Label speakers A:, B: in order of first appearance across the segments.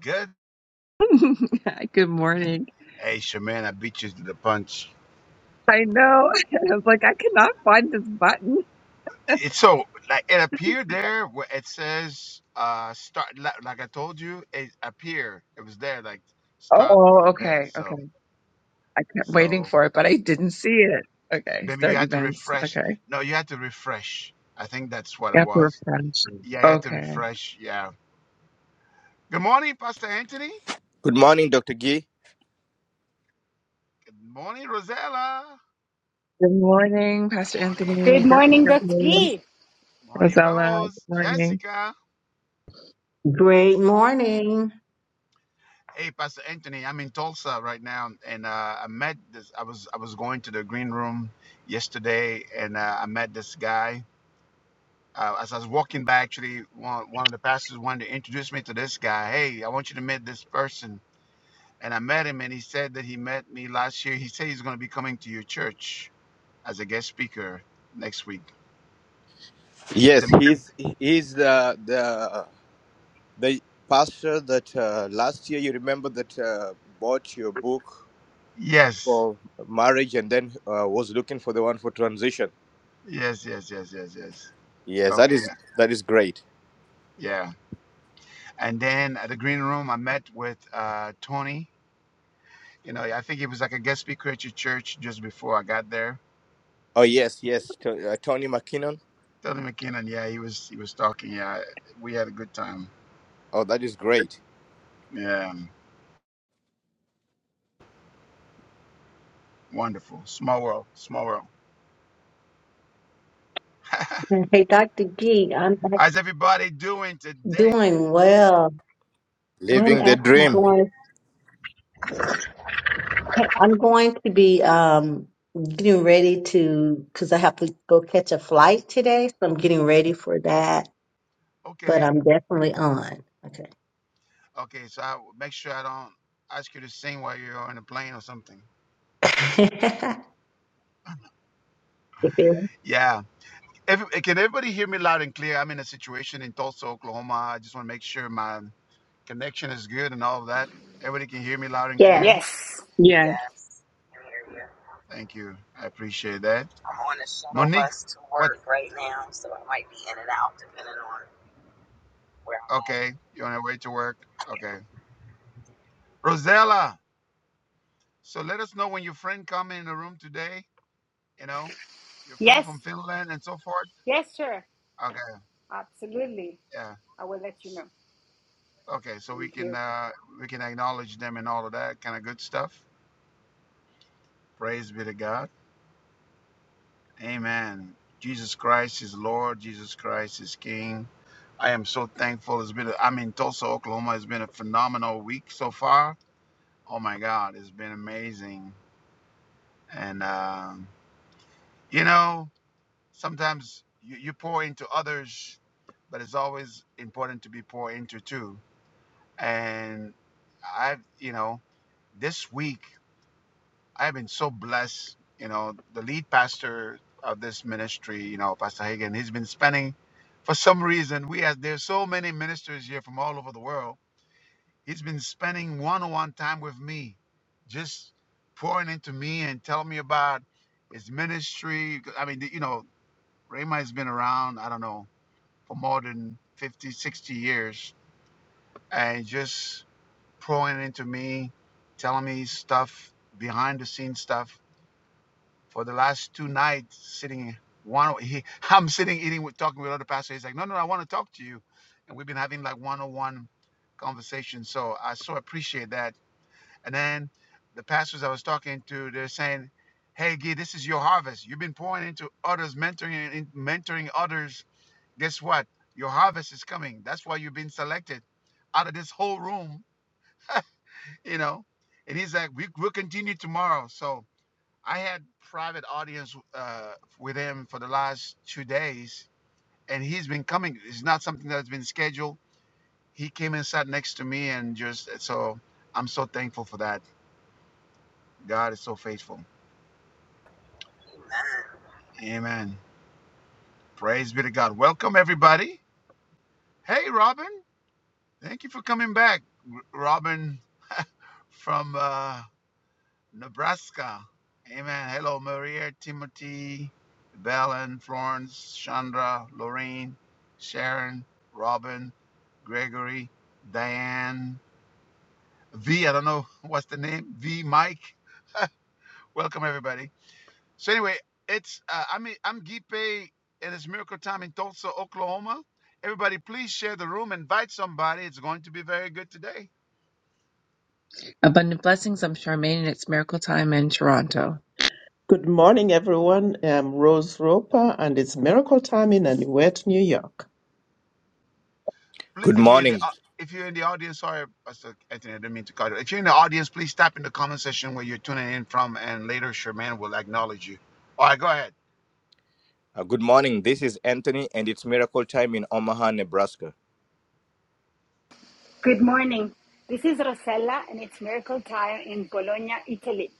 A: Good.
B: Good morning.
A: Hey, Shaman, I beat you to the punch.
B: I know. I was like, I cannot find this button.
A: It's so like it appeared there where it says uh start li- like I told you it appear it was there like start the
B: Oh,
A: event
B: okay.
A: so
B: Okay. I kept waiting
A: so
B: for it, but I didn't see it. Okay.
A: maybe you
B: Start
A: had to
B: events.
A: refresh
B: Okay.
A: no you had to refresh I think that's what
B: You
A: it
B: have to
A: was
B: refresh.
A: yeah you had to
B: Okay.
A: refresh yeah good morning Pastor Anthony
C: Good morning, Dr. Gee.
A: good morning Rosella
B: Good morning, Pastor
A: morning
B: Anthony,
D: Good morning,
B: Jessica,
D: Dr.
B: Rose,
D: G.
A: morning
B: Rosella.
A: Rose
B: Good morning.
A: Jessica
E: Great morning.
A: Hey, Pastor Anthony, I'm in Tulsa right now, and uh, I met this. I was I was going to the green room yesterday, and uh, I met this guy. Uh, as I was walking by, actually, one one of the pastors wanted to introduce me to this guy. Hey, I want you to meet this person, and I met him, and he said that he met me last year. He said he's going to be coming to your church as a guest speaker next week.
C: Yes,
A: The-
C: he's he's the the the pastor that uh, last year you remember that uh, bought your book
A: yes,
C: for marriage and then uh, was looking for the one for transition.
A: yes, yes, yes, yes, yes.
C: Yes, that
A: Okay,
C: is
A: yeah,
C: that is great.
A: yeah. And then at the green room, I met with uh, Tony. You know, I think he was like a guest speaker at your church just before I got there.
C: Oh yes, yes, to, uh, Tony McKinnon.
A: Tony McKinnon, yeah, he was he was talking. Yeah, we had a good time.
C: Oh, that is great.
A: Yeah, wonderful. Small world, small world.
E: Hey, Dr. Gee, I'm act-
A: How's everybody doing today?
E: doing well.
A: Go
E: I'm
C: Living
A: ahead.
C: the
E: actually
C: dream.
E: going, hey, I'm going to be
A: Okay,
E: um, getting ready to, because I have to go catch a flight today. So I'm getting ready for that, but
A: okay,
E: I'm definitely on. Okay.
A: okay. So I make sure I don't ask you to sing while you're on a plane or something.
E: If it-
A: Yeah. Every, can everybody hear me loud and clear? I'm in a situation in Tulsa, Oklahoma. I just want to make sure my connection is good and all of that. Everybody can hear me loud and
E: Yes.
A: clear.
D: Yes,
B: Yes.
F: Yes, I hear you.
A: Thank you. I appreciate that.
F: I'm on a shuttle
A: Monique,
F: bus to
A: what?
F: work right now, so I might be in and out depending on where I'm
A: Okay, you're on your way to work.
F: at.
A: Okay. Rosella, so let us know when your friend come in the room today. You know, your friends
D: yes,
A: from Finland and so forth.
D: yes, sir.
A: Okay,
D: Absolutely.
A: yeah.
D: I will let you know.
A: Okay, so we
D: Thank
A: can
D: you.
A: uh, we can acknowledge them and all of that kind of good stuff. Praise be to God. Amen. Jesus Christ is Lord. Jesus Christ is King. I am so thankful. It's been a, I'm in Tulsa, Oklahoma. It's been a phenomenal week so far. Oh my God, it's been amazing. And um You know, sometimes you, you pour into others, but it's always important to be poured into too. And I've, you know, this week I've been so blessed. You know, the lead pastor of this ministry, you know, Pastor Hagen, he's been spending, for some reason, we have, there's so many ministers here from all over the world. He's been spending one on one time with me, just pouring into me and telling me about his ministry. I mean, you know, Rhema has been around, I don't know, for more than 50, 60 years and just pouring into me, telling me stuff, behind the scenes stuff. For the last two nights, sitting, one, he, I'm sitting eating, with, talking with other pastors. He's like, no, no, no, I want to talk to you. And we've been having like one on one conversations. So I so appreciate that. And then the pastors I was talking to, they're saying, hey, Guy, this is your harvest. You've been pouring into others, mentoring, mentoring others guess what? Your harvest is coming. That's why you've been selected out of this whole room, you know. And he's like, we, we'll continue tomorrow. So I had private audience uh, with him for the last two days, and he's been coming. It's not something that's been scheduled. He came and sat next to me, and just so I'm so thankful for that. God is so faithful.
F: Amen.
A: Amen. Praise be to God. Welcome everybody. Hey, Robin. Thank you for coming back, R- Robin from. Uh, Nebraska. Amen. Hello, Maria, Timothy, Belen, Florence, Chandra, Lorraine, Sharon, Robin, Gregory, Diane, V. I don't know what's the name. V. Mike. Welcome everybody. So anyway, it's uh, I'm I'm Gipe, and it's Miracle Time in Tulsa, Oklahoma. Everybody, please share the room. Invite somebody. It's going to be very good today.
B: Abundant blessings. I'm Charmaine, and it's miracle time in Toronto.
G: Good morning, everyone. I'm Rose Roper, and it's miracle time in Anuet, New York.
A: Please,
C: Good
A: if you're in the
C: morning.
A: au- if you're in the audience, sorry, Pastor Anthony, I didn't mean to cut you. If you're in the audience, please tap in the comment section where you're tuning in from, and later Sherman will acknowledge you. All right, go ahead.
C: Uh, good morning. This is Anthony, and it's miracle time in Omaha, Nebraska.
D: Good morning. This is Rosella, and it's miracle time in Bologna, Italy.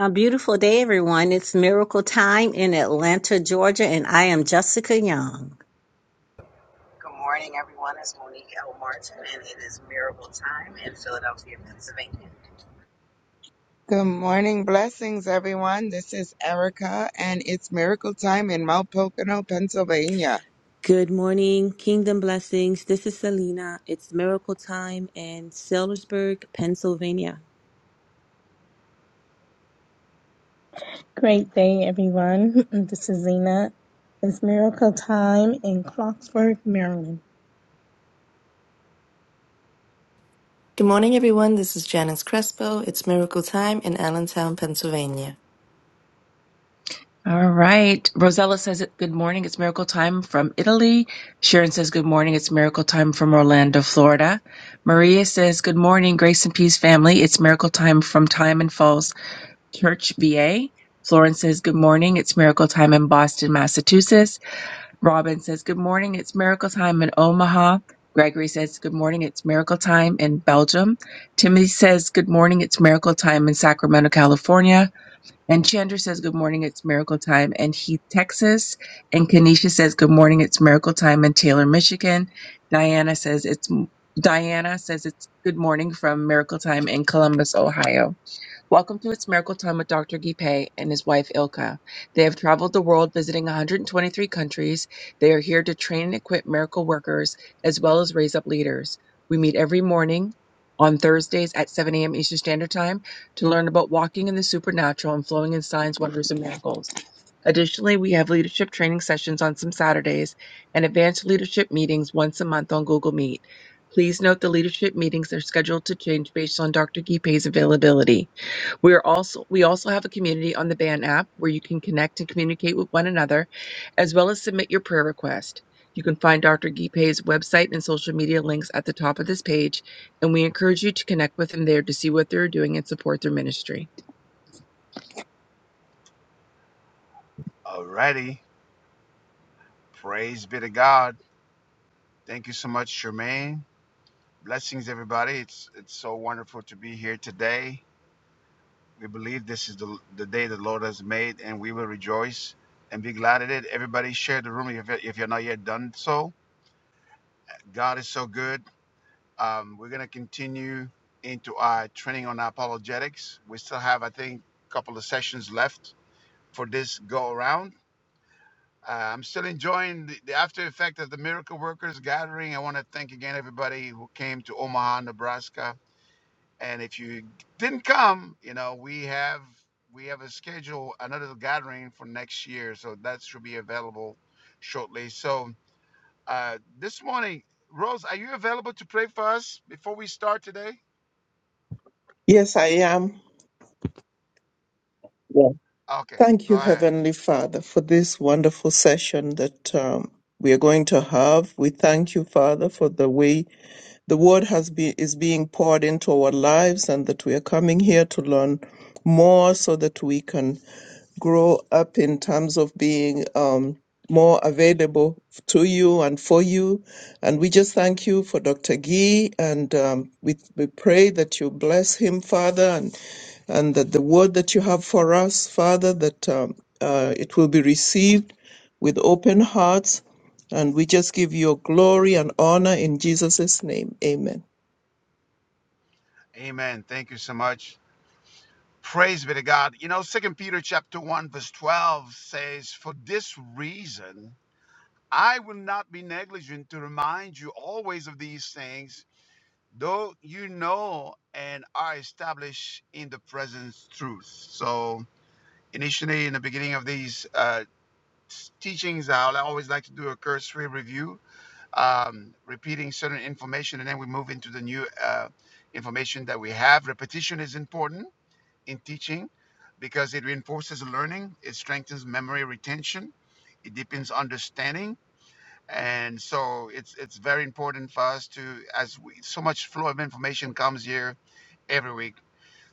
E: A beautiful day, everyone. It's miracle time in Atlanta, Georgia, and I am Jessica Young.
F: Good morning, everyone. It's Monique L. Martin, and it is Miracle Time in Philadelphia, Pennsylvania.
H: Good morning. Blessings, everyone. This is Erica, and it's miracle time in Mount Pocono, Pennsylvania.
I: Good morning, Kingdom Blessings. This is Selena. It's miracle time in Sellersburg, Pennsylvania.
J: Great day, everyone. This is Zena. It's miracle time in Clarksburg, Maryland.
K: Good morning, everyone. This is Janice Crespo. It's miracle time in Allentown, Pennsylvania.
B: All right. Rosella says it. Good morning. It's miracle time from Italy. Sharon says good morning. It's miracle time from Orlando, Florida. Maria says good morning, grace and peace family. It's miracle time from Diamond Falls Church, VA. Florence says good morning. It's miracle time in Boston, Massachusetts. Robin says good morning. It's miracle time in Omaha. Gregory says good morning. It's miracle time in Belgium. Timothy says good morning. It's miracle time in Sacramento, California. And Chandra says, Good morning, it's miracle time in Heath, Texas. And Kanisha says, Good morning, it's miracle time in Taylor, Michigan. Diana says, It's Diana says it's good morning from Miracle Time in Columbus, Ohio. Welcome to It's Miracle Time with Dr. Gipe and his wife Ilka. They have traveled the world visiting 123 countries. They are here to train and equip miracle workers as well as raise up leaders. We meet every morning on Thursdays at 7 a.m. Eastern Standard Time to learn about walking in the supernatural and flowing in signs, wonders, and miracles. Additionally, we have leadership training sessions on some Saturdays and advanced leadership meetings once a month on Google Meet. Please note the leadership meetings are scheduled to change based on Dr. Gipe's availability. We are also we also have a community on the Band app where you can connect and communicate with one another, as well as submit your prayer request. You can find Dr. Gipe's website and social media links at the top of this page, and we encourage you to connect with them there to see what they're doing and support their ministry.
A: Alrighty, praise be to God. Thank you so much, Sherman. Blessings, everybody. It's it's so wonderful to be here today. We believe this is the the day the Lord has made, and we will rejoice and be glad at it. Everybody, share the room if, if you're not yet done so. God is so good. Um, we're going to continue into our training on apologetics. We still have, I think, a couple of sessions left for this go around. Uh, I'm still enjoying the, the after effect of the Miracle Workers gathering. I want to thank again everybody who came to Omaha, Nebraska. And if you didn't come, you know we have we have a schedule another gathering for next year, so that should be available shortly. So uh, this morning, Rose, are you available to pray for us before we start today?
G: Yes, I am. Yeah.
A: Okay,
G: Thank
A: go
G: you,
A: ahead.
G: Heavenly Father, for this wonderful session that um, we are going to have. We thank you, Father, for the way the word has been is being poured into our lives, and that we are coming here to learn more, so that we can grow up in terms of being um, more available to you and for you. And we just thank you for Dr. Gee, and um, we, we pray that you bless him, Father, and, and that the word that you have for us, Father, that um, uh, it will be received with open hearts. And we just give you glory and honor in Jesus' name. Amen.
A: Amen. Thank you so much. Praise be to God. You know, Second Peter chapter one verse twelve says, "For this reason, I will not be negligent to remind you always of these things, though you know and are established in the present truth." So, initially, in the beginning of these uh, teachings, I always like to do a cursory review um, repeating certain information, and then we move into the new uh, information that we have. Repetition is important in teaching because it reinforces learning, it strengthens memory retention, it deepens understanding, and so it's it's very important for us to as we, so much flow of information comes here every week.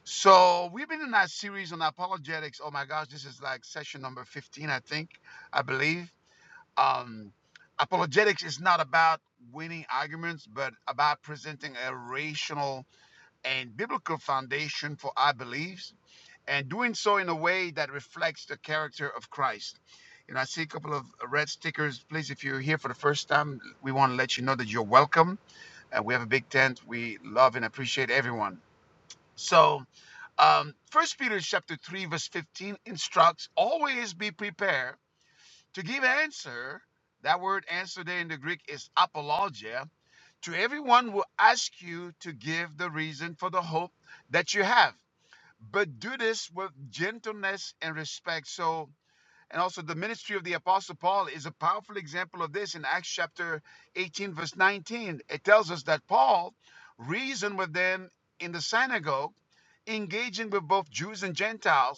A: So we've been in our series on apologetics. Oh my gosh, this is like session number 15, I think, I believe um, apologetics is not about winning arguments, but about presenting a rational and biblical foundation for our beliefs and doing so in a way that reflects the character of Christ. You know, I see a couple of red stickers. Please, if you're here for the first time, we want to let you know that you're welcome. Uh, we have a big tent. We love and appreciate everyone. So, um, First Peter chapter three verse fifteen instructs: always be prepared to give answer, that word answer there in the Greek is apologia, to everyone will ask you to give the reason for the hope that you have. But do this with gentleness and respect. So, and also the ministry of the Apostle Paul is a powerful example of this in Acts chapter 18, verse 19. It tells us that Paul reasoned with them in the synagogue, engaging with both Jews and Gentiles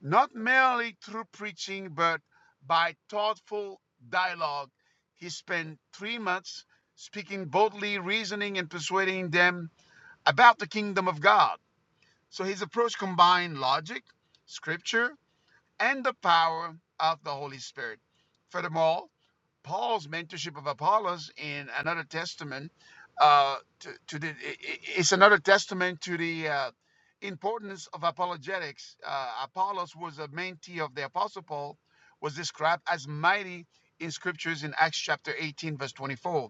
A: not merely through preaching, but by thoughtful dialogue. He spent three months speaking boldly, reasoning, and persuading them about the kingdom of God. So his approach combined logic, scripture, and the power of the Holy Spirit. Furthermore, Paul's mentorship of Apollos in another testament uh, to, to the it's another testament to the uh, importance of apologetics. Uh, Apollos was a mentee of the Apostle Paul, was described as mighty in scriptures in Acts chapter 18, verse 24.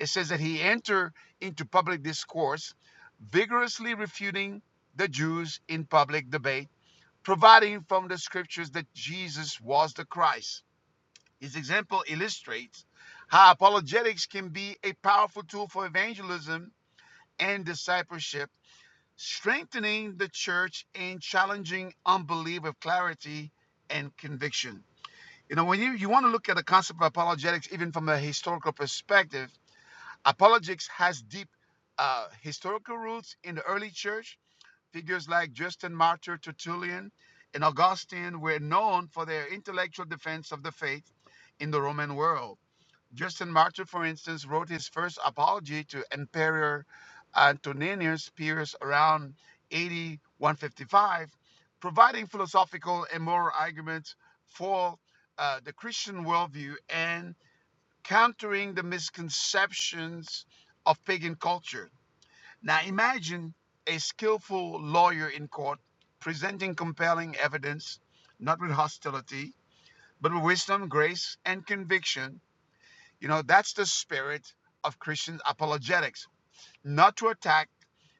A: It says that he entered into public discourse, vigorously refuting the Jews in public debate, providing from the scriptures that Jesus was the Christ. His example illustrates how apologetics can be a powerful tool for evangelism and discipleship, strengthening the church and challenging unbelief with clarity and conviction. You know, when you, you want to look at the concept of apologetics, even from a historical perspective, apologetics has deep uh, historical roots in the early church. Figures like Justin Martyr, Tertullian, and Augustine were known for their intellectual defense of the faith in the Roman world. Justin Martyr, for instance, wrote his first apology to Emperor Antoninus Pius around 80 155, providing philosophical and moral arguments for uh, the Christian worldview and countering the misconceptions of pagan culture. Now imagine a skillful lawyer in court presenting compelling evidence, not with hostility, but with wisdom, grace, and conviction you know, that's the spirit of Christian apologetics, not to attack,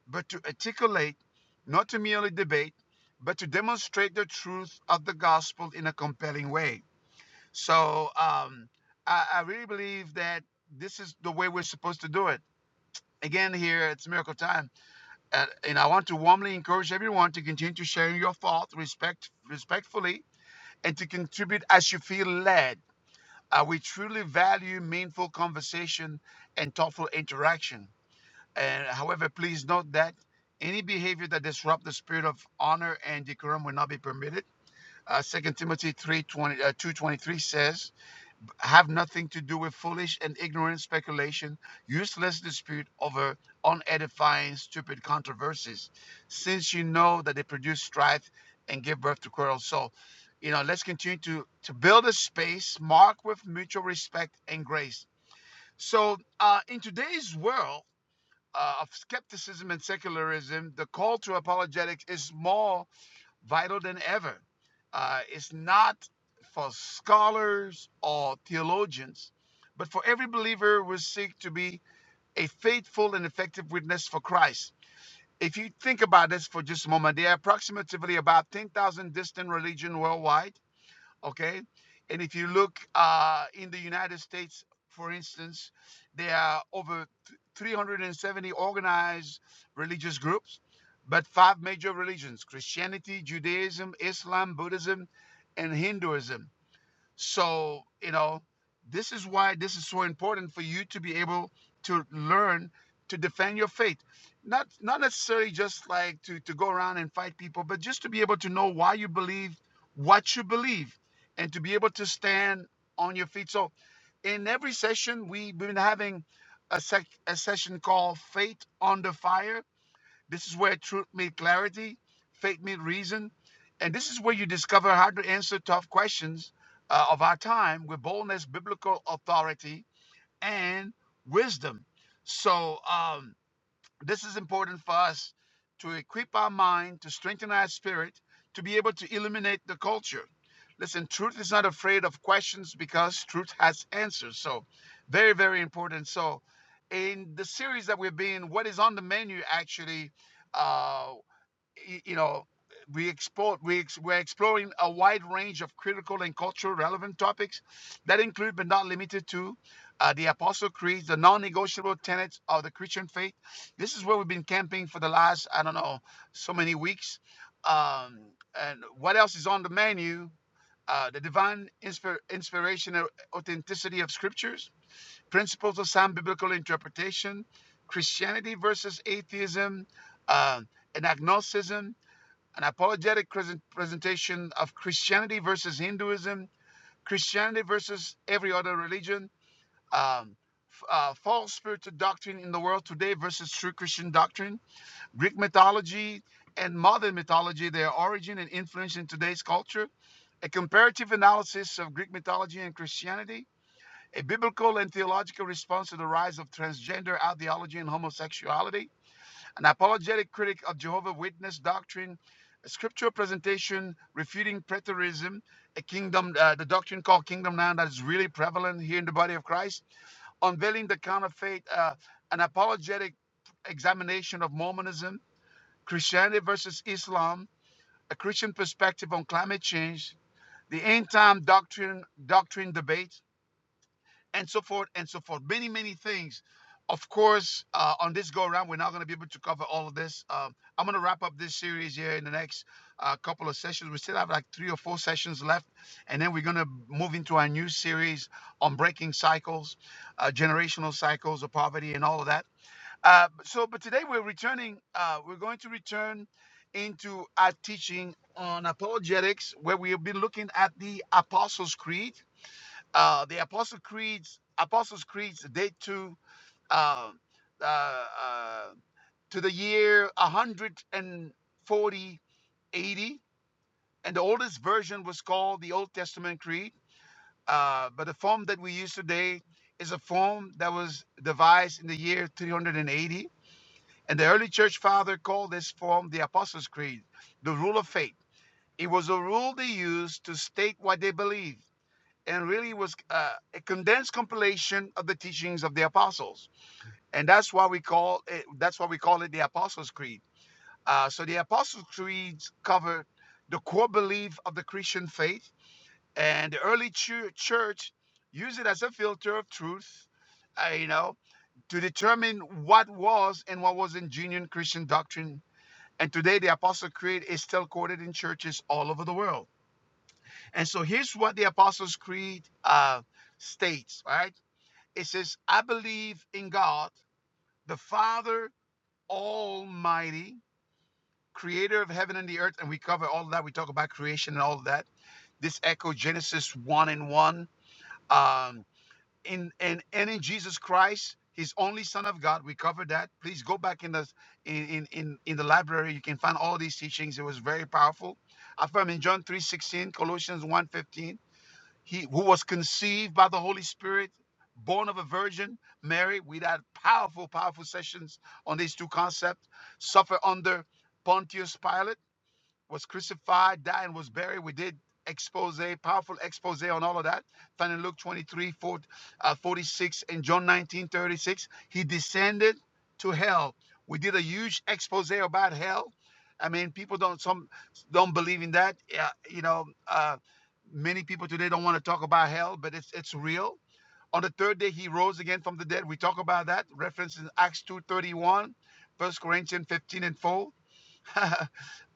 A: but to articulate, not to merely debate, but to demonstrate the truth of the gospel in a compelling way. So um, I, I really believe that this is the way we're supposed to do it. Again, here it's Miracle Time, and, and I want to warmly encourage everyone to continue to share your thoughts respect, respectfully and to contribute as you feel led uh, we truly value meaningful conversation and thoughtful interaction. And however, please note that any behavior that disrupts the spirit of honor and decorum will not be permitted. Uh, 2 Timothy 3, twenty, uh, 2.23 says, have nothing to do with foolish and ignorant speculation, useless dispute over unedifying, stupid controversies, since you know that they produce strife and give birth to quarrels. So, you know, let's continue to to build a space marked with mutual respect and grace. So, uh, in today's world uh, of skepticism and secularism, the call to apologetics is more vital than ever. Uh, it's not for scholars or theologians, but for every believer will seek to be a faithful and effective witness for Christ. If you think about this for just a moment, there are approximately about 10,000 distinct religions worldwide okay and if you look uh, in the united states for instance there are over 370 organized religious groups but five major religions christianity judaism islam buddhism and hinduism so, you know, this is why this is so important for you to be able to learn to defend your faith. Not not necessarily just like to, to go around and fight people, but just to be able to know why you believe what you believe and to be able to stand on your feet. So in every session, we've been having a, sec- a session called Faith on the Fire this is where truth meets clarity, faith meets reason, and this is where you discover how to answer tough questions uh, of our time with boldness, biblical authority, and wisdom. So, um, this is important for us to equip our mind, to strengthen our spirit, to be able to illuminate the culture. Listen, truth is not afraid of questions because truth has answers. So, very, very important. So, in the series that we're being, what is on the menu actually? Uh, y- you know, we explore, we ex, we're exploring a wide range of critical and cultural relevant topics that include but not limited to uh, the Apostle Creed, the non-negotiable tenets of the Christian faith. This is where we've been camping for the last, I don't know, so many weeks. Um, and what else is on the menu? Uh, the divine inspir- inspiration and authenticity of scriptures, principles of sound biblical interpretation, Christianity versus atheism, um, and agnosticism, an apologetic presentation of Christianity versus Hinduism, Christianity versus every other religion, um, uh, false spiritual doctrine in the world today versus true Christian doctrine, Greek mythology and modern mythology, their origin and influence in today's culture, a comparative analysis of Greek mythology and Christianity, a biblical and theological response to the rise of transgender ideology and homosexuality, an apologetic critic of Jehovah Witness doctrine, a scriptural presentation refuting preterism, a kingdom, uh, the doctrine called kingdom now that is really prevalent here in the body of Christ, unveiling the counterfeit, uh, an apologetic examination of Mormonism, Christianity versus Islam, a Christian perspective on climate change, the end time doctrine doctrine debate, and so forth and so forth. Many, many things. Of course, uh, on this go around, we're not going to be able to cover all of this. Um, I'm going to wrap up this series here in the next uh, couple of sessions. We still have like three or four sessions left, and then we're going to move into our new series on breaking cycles, uh, generational cycles of poverty, and all of that. Uh, so, but today we're returning, uh, we're going to return into our teaching on apologetics, where we'll be looking at the Apostles' Creed uh, the Apostle Creeds, Apostles' Creeds date to uh, uh, uh, to the year 140 80, and the oldest version was called the Old Testament Creed. Uh, but the form that we use today is a form that was devised in the year 380, and the early church father called this form the Apostles' Creed, the rule of faith. It was a rule they used to state what they believed and really was uh, a condensed compilation of the teachings of the apostles and that's why we call it that's why we call it the apostles creed uh, so the apostles creeds cover the core belief of the christian faith and the early chu- church used it as a filter of truth uh, you know to determine what was and what wasn't genuine christian doctrine and today the Apostles' creed is still quoted in churches all over the world and so here's what the apostles creed uh, states all right it says, I believe in God, the Father Almighty, creator of heaven and the earth. And we cover all of that. We talk about creation and all of that. This echoes Genesis 1 and 1. Um, in, and, and in Jesus Christ, his only Son of God. We covered that. Please go back in the in, in, in, in the library. You can find all these teachings. It was very powerful. I found in John 3:16, Colossians one fifteen he who was conceived by the Holy Spirit, born of a virgin, Mary. We had powerful, powerful sessions on these two concepts. Suffer under Pontius Pilate was crucified, died, and was buried. We did expose, powerful expose on all of that. Found in Luke 23:46 and John 19:36, He descended to hell. We did a huge expose about hell. I mean, people don't some don't believe in that. Yeah, you know, uh, many people today don't want to talk about hell, but it's it's real. On the third day, he rose again from the dead. We talk about that. Reference in Acts 2:31, 1 Corinthians 15 and 4.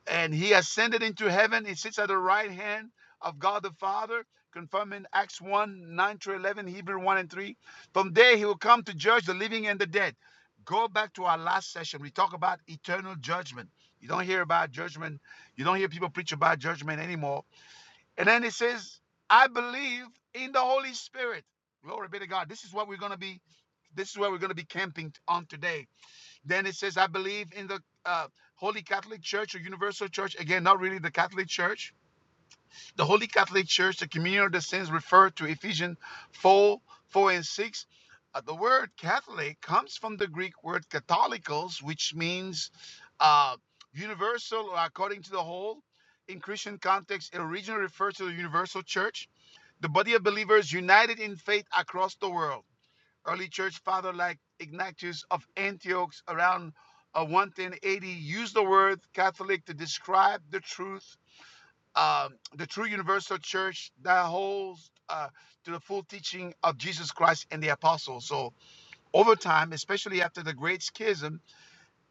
A: and he ascended into heaven. He sits at the right hand of God the Father, confirming Acts 1 9 through 11, Hebrew 1 and 3. From there, he will come to judge the living and the dead. Go back to our last session. We talk about eternal judgment. You don't hear about judgment. You don't hear people preach about judgment anymore. And then he says, I believe in the Holy Spirit. Glory be to God. This is what we're going to be. This is where we're going to be camping on today then it says, I believe in the uh, Holy Catholic Church or Universal Church. Again, not really the Catholic Church. The Holy Catholic Church, the communion of the saints referred to Ephesians 4, 4 and 6. Uh, the word Catholic comes from the Greek word katholikos, which means uh, universal or according to the whole. In Christian context, it originally refers to the universal church, the body of believers united in faith across the world. Early church father like Ignatius of Antioch around uh, 180 used the word Catholic to describe the truth, um, the true universal church that holds uh, to the full teaching of Jesus Christ and the apostles. So over time, especially after the Great Schism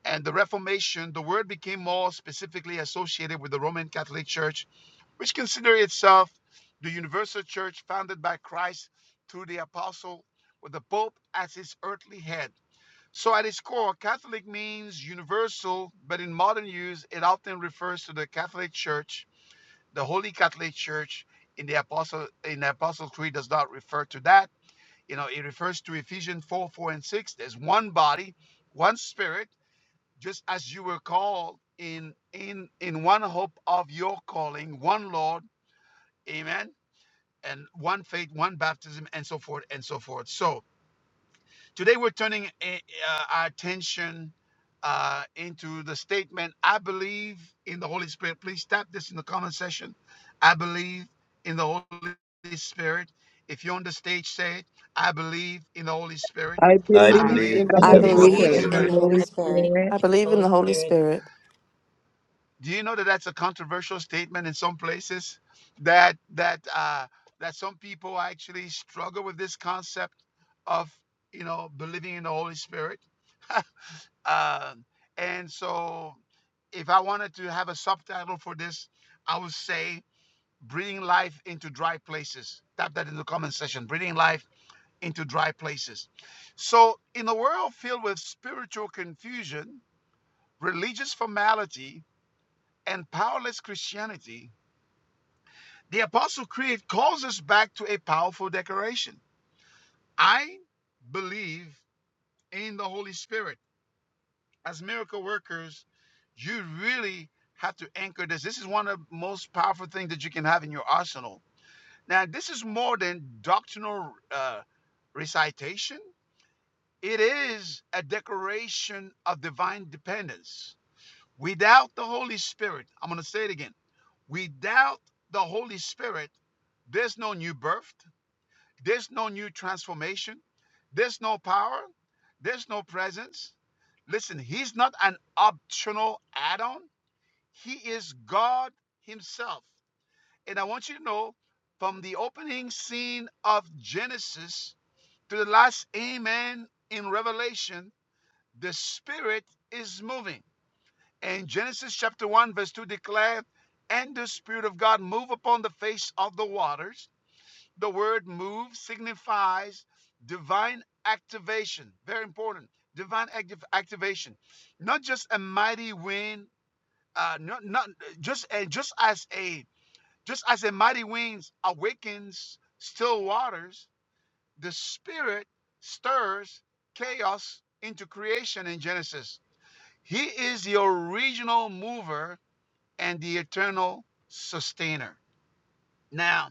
A: and the Reformation, the word became more specifically associated with the Roman Catholic Church, which considered itself the universal church founded by Christ through the apostle with the Pope as his earthly head. So, at its core, Catholic means universal, but in modern use, it often refers to the Catholic Church. The Holy Catholic Church in the Apostle in the Apostle Creed does not refer to that. You know, it refers to Ephesians 4, 4 and 6. There's one body, one spirit, just as you were called in in in one hope of your calling, one Lord, amen, and one faith, one baptism, and so forth and so forth. So Today, we're turning eh, uh, our attention uh, into the statement, I believe in the Holy Spirit. Please tap this in the comment section. I believe in the Holy Spirit. If you're on the stage, say it. I believe in the Holy Spirit.
G: I
C: I
A: I
G: believe
F: I
C: believe
A: believe
G: in
B: I
G: the
C: in
F: believe
L: I
C: the
G: Holy
F: in
A: in the
F: the
C: Holy
B: believe
A: Holy
L: believe
F: Holy
B: in
G: Spirit,
L: in
B: the
L: the
C: Spirit.
A: Spirit.
L: Holy
I: I
B: Holy
I: believe
L: Spirit.
B: Spirit.
K: I
I: in the
K: believe in
I: Holy
K: the Holy
I: Spirit.
K: Spirit.
A: Do you know that that's a controversial statement in some places? That that uh, that some people actually struggle with this concept of you know believing in the Holy Spirit Um, and so, if I wanted to have a subtitle for this, I would say Breathing Life into Dry Places. Tap that in the comment section Breathing Life into Dry Places. So, in a world filled with spiritual confusion, religious formality, and powerless Christianity, the Apostle Creed calls us back to a powerful declaration I believe in the Holy Spirit As miracle workers, you really have to anchor this. This is one of the most powerful things that you can have in your arsenal. Now, this is more than doctrinal uh, recitation, it is a declaration of divine dependence. Without the Holy Spirit, I'm going to say it again without the Holy Spirit, there's no new birth, there's no new transformation. There's no power. There's no presence. Listen, he's not an optional add on, he is God himself. And I want you to know from the opening scene of Genesis to the last amen in Revelation, the Spirit is moving. And Genesis chapter 1, verse 2 declared, And the Spirit of God moved upon the face of the waters. The word move signifies divine activation. Very important. Divine activ- activation. Not just a mighty wind, uh, not, not just and just as a just as a mighty wind awakens still waters, the spirit stirs chaos into creation in Genesis. He is the original mover and the eternal sustainer. Now,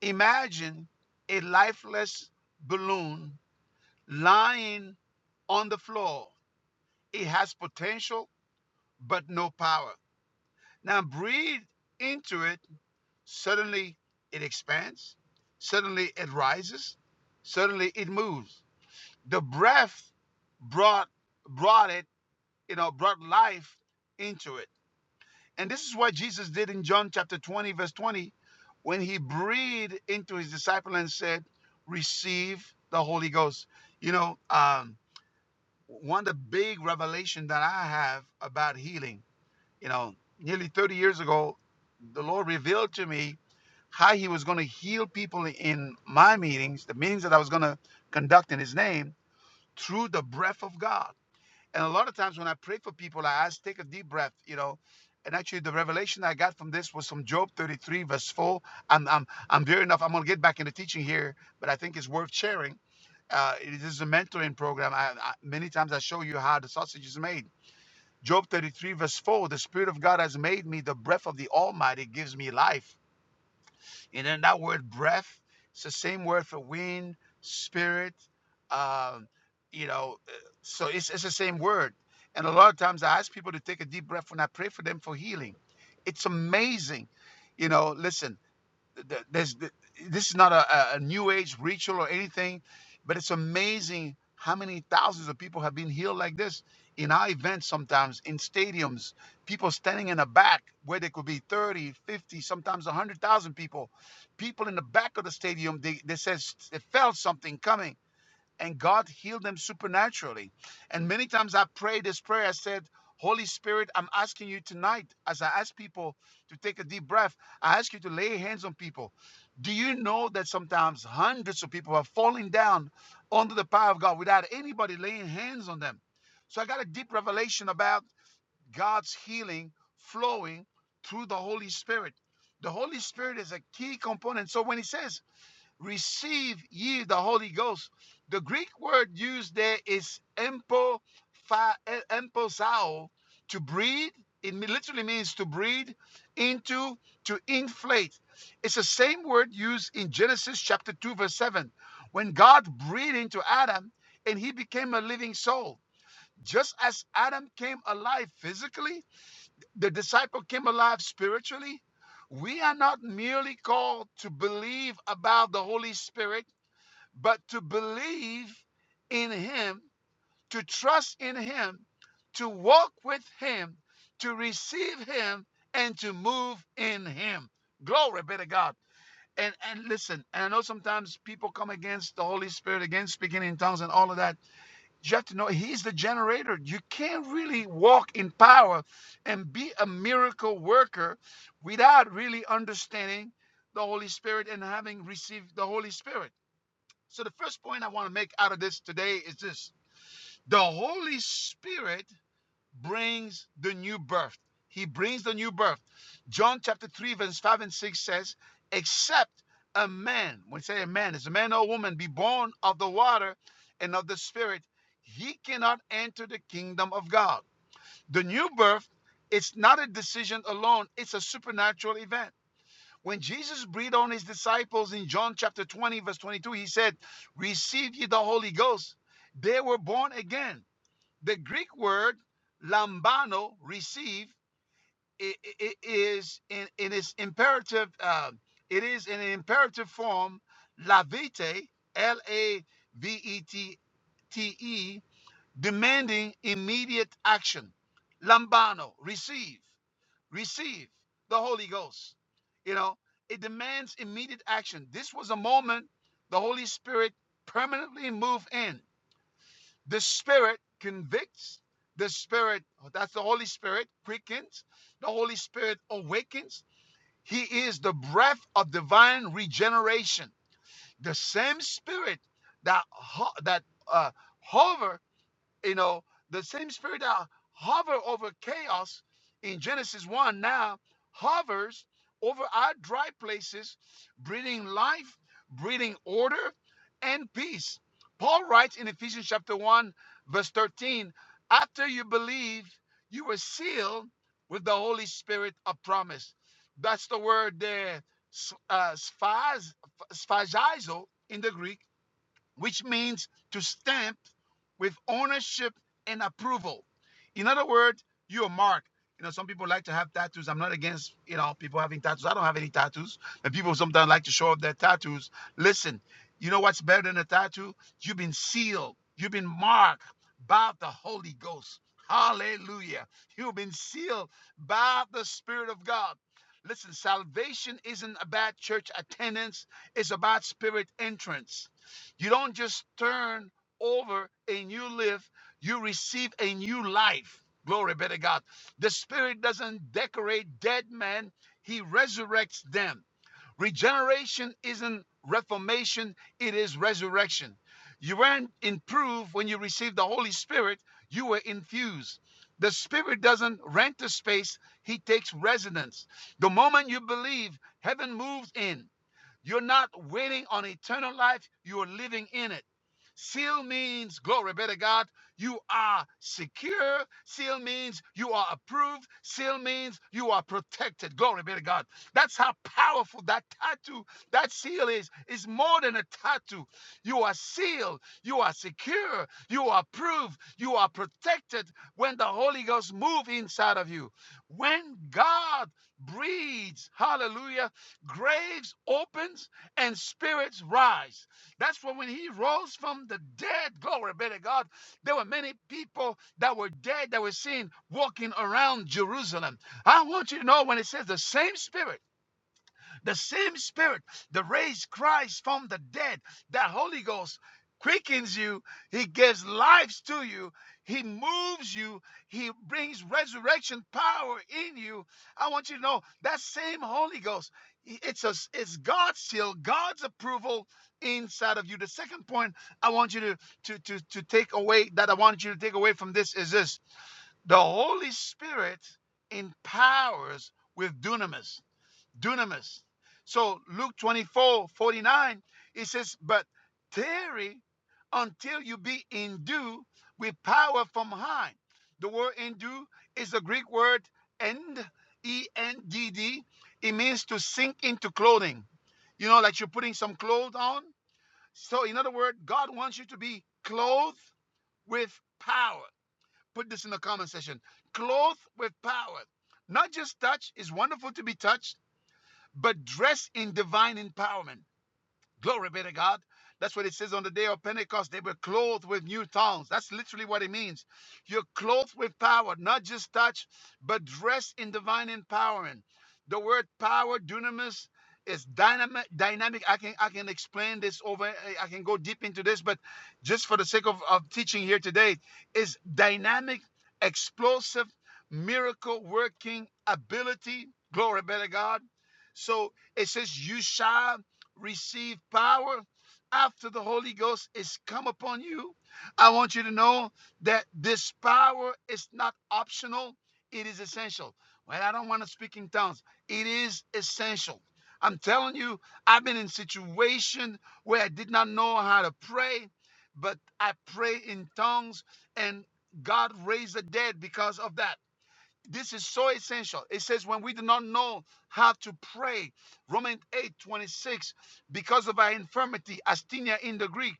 A: Imagine a lifeless balloon lying on the floor. It has potential, but no power. Now breathe into it. Suddenly it expands. Suddenly it rises. Suddenly it moves. The breath brought brought it, you know, brought life into it. And this is what Jesus did in John chapter 20, verse 20, when he breathed into his disciple and said, Receive the Holy Ghost. You know, um, one of the big revelation that I have about healing, you know, nearly 30 years ago, the Lord revealed to me how he was going to heal people in my meetings, the meetings that I was going to conduct in his name, through the breath of God and a lot of times when I pray for people, I ask, take a deep breath, you know. And actually, the revelation I got from this was from Job 33, verse 4. I'm, I'm, I'm there enough. I'm going to get back into teaching here, but I think it's worth sharing. Uh, it is a mentoring program. I, I, many times I show you how the sausage is made. Job 33, verse 4 The Spirit of God has made me, the breath of the Almighty gives me life. And then that word breath, it's the same word for wind, spirit, um, you know, uh, so it's, it's the same word. And a lot of times I ask people to take a deep breath when I pray for them for healing. It's amazing. You know, listen, there's this is not a, a new age ritual or anything but it's amazing how many thousands of people have been healed like this in our events sometimes in stadiums people standing in the back where there could be thirty, fifty, 50 sometimes 100000 people people in the back of the stadium they, they says they felt something coming and God healed them supernaturally. And many times I prayed this prayer. I said, Holy Spirit, I'm asking you tonight, as I ask people to take a deep breath, I ask you to lay hands on people. Do you know that sometimes hundreds of people are falling down under the power of God without anybody laying hands on them? So I got a deep revelation about God's healing flowing through the Holy Spirit. The Holy Spirit is a key component. So when he says, receive ye the Holy Ghost. The Greek word used there is empo, fa, e- emposao, to breathe. It literally means to breathe into, to inflate. It's the same word used in Genesis chapter 2, verse 7, when God breathed into Adam and he became a living soul. Just as Adam came alive physically, the disciple came alive spiritually. We are not merely called to believe about the Holy Spirit but to believe in him, to trust in him, to walk with him, to receive him, and to move in him. Glory be to God. And and listen, and I know sometimes people come against the Holy Spirit, against speaking in tongues and all of that. You have to know he's the generator. You can't really walk in power and be a miracle worker without really understanding the Holy Spirit and having received the Holy Spirit. So the first point I want to make out of this today is this. The Holy Spirit brings the new birth. He brings the new birth. John chapter 3 verse 5 and 6 says, "Except a man, when you say a man, is a man or a woman be born of the water and of the spirit, he cannot enter the kingdom of God." The new birth it's not a decision alone, it's a supernatural event when Jesus breathed on his disciples in John chapter 20, verse 22, he said, Receive ye the Holy Ghost. They were born again. The Greek word lambano, receive, i- i- is in, in its imperative, uh, it is in an imperative form, "lavete" L A V E T T E, demanding immediate action. Lambano, receive receive the Holy Ghost. You know, it demands immediate action. This was a moment the Holy Spirit permanently moved in. The Spirit convicts, the Spirit, oh, that's the Holy Spirit, quickens, the Holy Spirit awakens. He is the breath of divine regeneration. The same Spirit that, ho- that uh, hover you know, the same spirit that hover over chaos in Genesis 1 now hovers over our dry places, breathing life, breathing order, and peace. Paul writes in Ephesians chapter 1, verse 13, after you believe, you were sealed with the Holy Spirit of promise. That's the word there, s- uh, sphaz, sphagizo in the Greek which means to stamp with ownership and approval. In other words, you're a mark. You know, some people like to have tattoos. I'm not against, you know, people having tattoos. I don't have any tattoos. And people sometimes like to show off their tattoos. Listen, you know what's better than a tattoo? You've been sealed, you've been marked by the Holy Ghost. Hallelujah. You've been sealed by the Spirit of God. Listen, salvation isn't about church attendance, it's about spirit entrance. You don't just turn over and you live, you receive a new life. Glory be to God. The Spirit doesn't decorate dead men, He resurrects them. Regeneration isn't reformation, it is resurrection. You weren't improved when you received the Holy Spirit, you were infused. The Spirit doesn't rent a space, He takes residence. The moment you believe, heaven moves in. You're not waiting on eternal life, you're living in it. Seal means, glory be to God, you are secure. Seal means you are approved. Seal means you are protected. Glory be to God. That's how powerful that tattoo, that seal is. It's more than a tattoo. You are sealed. You are secure. You are approved. You are protected when the Holy Ghost moves inside of you. When God breathes, hallelujah, graves opens and spirits rise. That's when when he rose from the dead, glory be to God, there were many people that were dead that were seen walking around Jerusalem. I want you to know when it says the same spirit the same spirit that raised Christ from the dead, that Holy Ghost quickens you, he gives life to you, he moves you, he brings resurrection power in you. I want you to know that same Holy Ghost, it's a it's God's seal, God's approval inside of you. The second point I want you to, to to to take away that I want you to take away from this is this: the Holy Spirit empowers with dunamis dunamis. So Luke 24 49, it says, But tarry until you be endued with power from high. The word endue is the Greek word end, E-N-D-D. It means to sink into clothing. You know, like you're putting some clothes on. So in other words, God wants you to be clothed with power. Put this in the comment section. Clothed with power. Not just touch. It's wonderful to be touched but dressed in divine empowerment. Glory be to God. That's what it says on the day of Pentecost. They were clothed with new tongues. That's literally what it means. You're clothed with power, not just touch, but dressed in divine empowerment. The word power, dunamis, is dynamic. Dynamic. I can I can explain this over. I I can go deep into this, but just for the sake of, of teaching here today, is dynamic, explosive, miracle working ability. Glory be to God. So it says, "You shall." receive power after the Holy Ghost is come upon you. I want you to know that this power is not optional, it is essential. Well, I don't want to speak in tongues. It is essential. I'm telling you, I've been in situation where I did not know how to pray, but I pray in tongues and God raised the dead because of that. This is so essential. It says, when we do not know how to pray, Romans eight twenty six, because of our infirmity, asthenia in the Greek,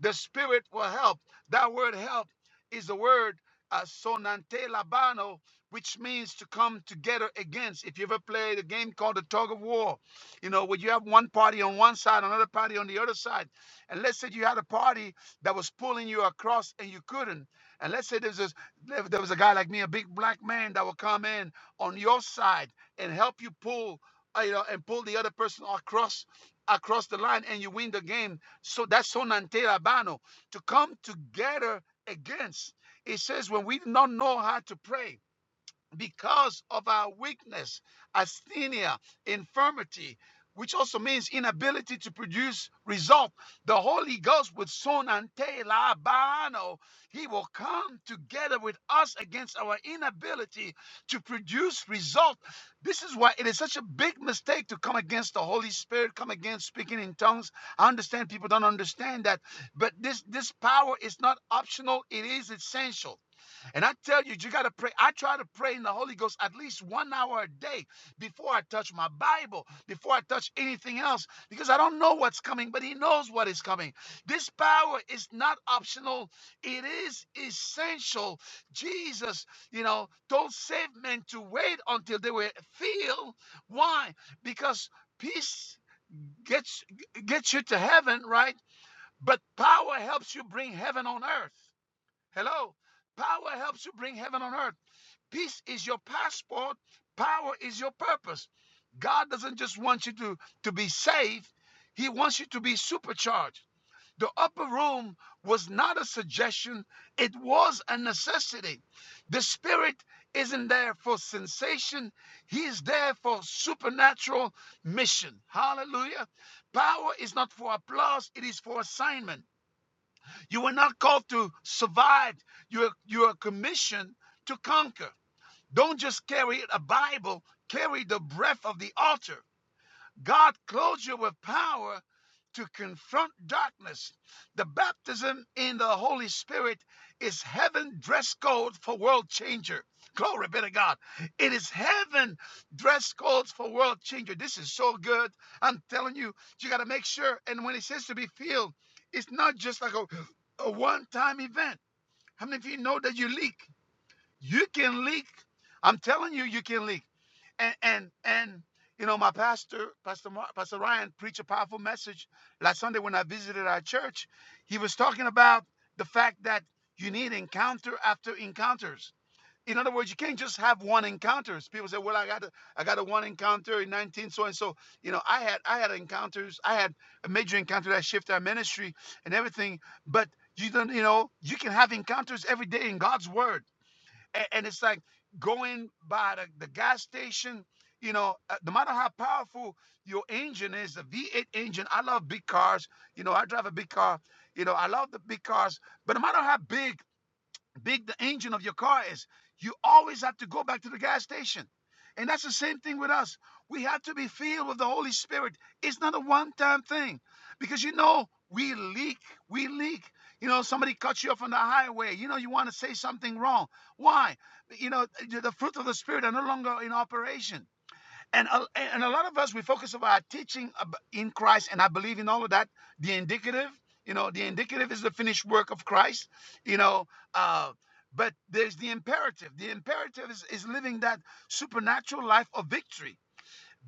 A: the Spirit will help. That word help is the word uh, sonante labano, which means to come together against. If you ever played a game called the tug of war, you know, where you have one party on one side, another party on the other side. And let's say you had a party that was pulling you across and you couldn't. And let's say there's this, there there was a guy like me, a big black man that would come in on your side and help you pull, uh, you know, and pull the other person across across the line and you win the game so that's sonante labano, to come together against. It says when we do not know how to pray, because of our weakness, asthenia, infirmity, which also means inability to produce result, the Holy Ghost with son and tail, abano, he will come together with us against our inability to produce result. This is why it is such a big mistake to come against the Holy Spirit, come against speaking in tongues. I understand people don't understand that, but this this power is not optional, it is essential. And I tell you, you got to pray. I try to pray in the Holy Ghost at least one hour a day before I touch my Bible, before I touch anything else, because I don't know what's coming, but He knows what is coming. This power is not optional, it is essential. Jesus, you know, told saved men to wait until they were filled. Why? Because peace gets gets you to heaven, right? But power helps you bring heaven on earth. Hello. Power helps you bring heaven on earth. Peace is your passport. Power is your purpose. God doesn't just want you to, to be saved, He wants you to be supercharged. The upper room was not a suggestion, it was a necessity. The Spirit isn't there for sensation, He is there for supernatural mission. Hallelujah. Power is not for applause, it is for assignment. You were not called to survive. You're, you're commissioned to conquer. Don't just carry a Bible, carry the breath of the altar. God clothes you with power to confront darkness. The baptism in the Holy Spirit is heaven dress code for world changer. Glory be to God. It is heaven dress codes for world changer. This is so good. I'm telling you, you got to make sure. And when it says to be filled, it's not just like a, a one time event. How many of you know that you leak? You can leak. I'm telling you, you can leak and and and you know my pastor pastor Mar- pastor ryan preached a powerful message last sunday when i visited our church he was talking about the fact that you need encounter after encounters in other words you can't just have one encounters people say well i got a, i got a one encounter in 19 so and so you know i had i had encounters i had a major encounter that shifted our ministry and everything but you don't you know you can have encounters every day in god's word and, and it's like going by the, the gas station, you know, uh, no matter how powerful your engine is, the V8 engine, I love big cars. You know, I drive a big car. You know, I love the big cars. But no matter how big big the engine of your car is, you always have to go back to the gas station. And that's the same thing with us. We have to be filled with the Holy Spirit. It's not a one time thing because you know, we leak. We leak. You know, somebody cuts you off on the highway. You know, you want to say something wrong. Why? You know, the the fruit of the Spirit are no longer in operation. And a, and a lot of us we focus on our teaching in Christ, and I believe in all of that. The indicative, you know, the indicative is the finished work of Christ, you know. Uh, but there's the imperative. The imperative is, is living that supernatural life of victory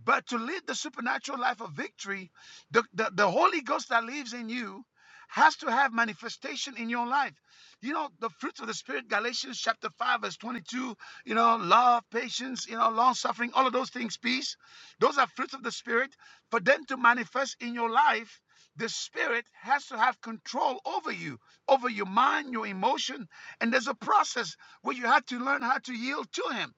A: but to live the supernatural life of victory, the, the, the Holy Ghost that lives in you has to have manifestation in your life. You know, the fruits of the Spirit, Galatians chapter 5, verse 22, you know, love, patience, you know, long suffering, all of those things, peace. Those are fruits of the Spirit. For them to manifest in your life, the Spirit has to have control over you, over your mind, your emotion. And there's a process where you have to learn how to yield to Him.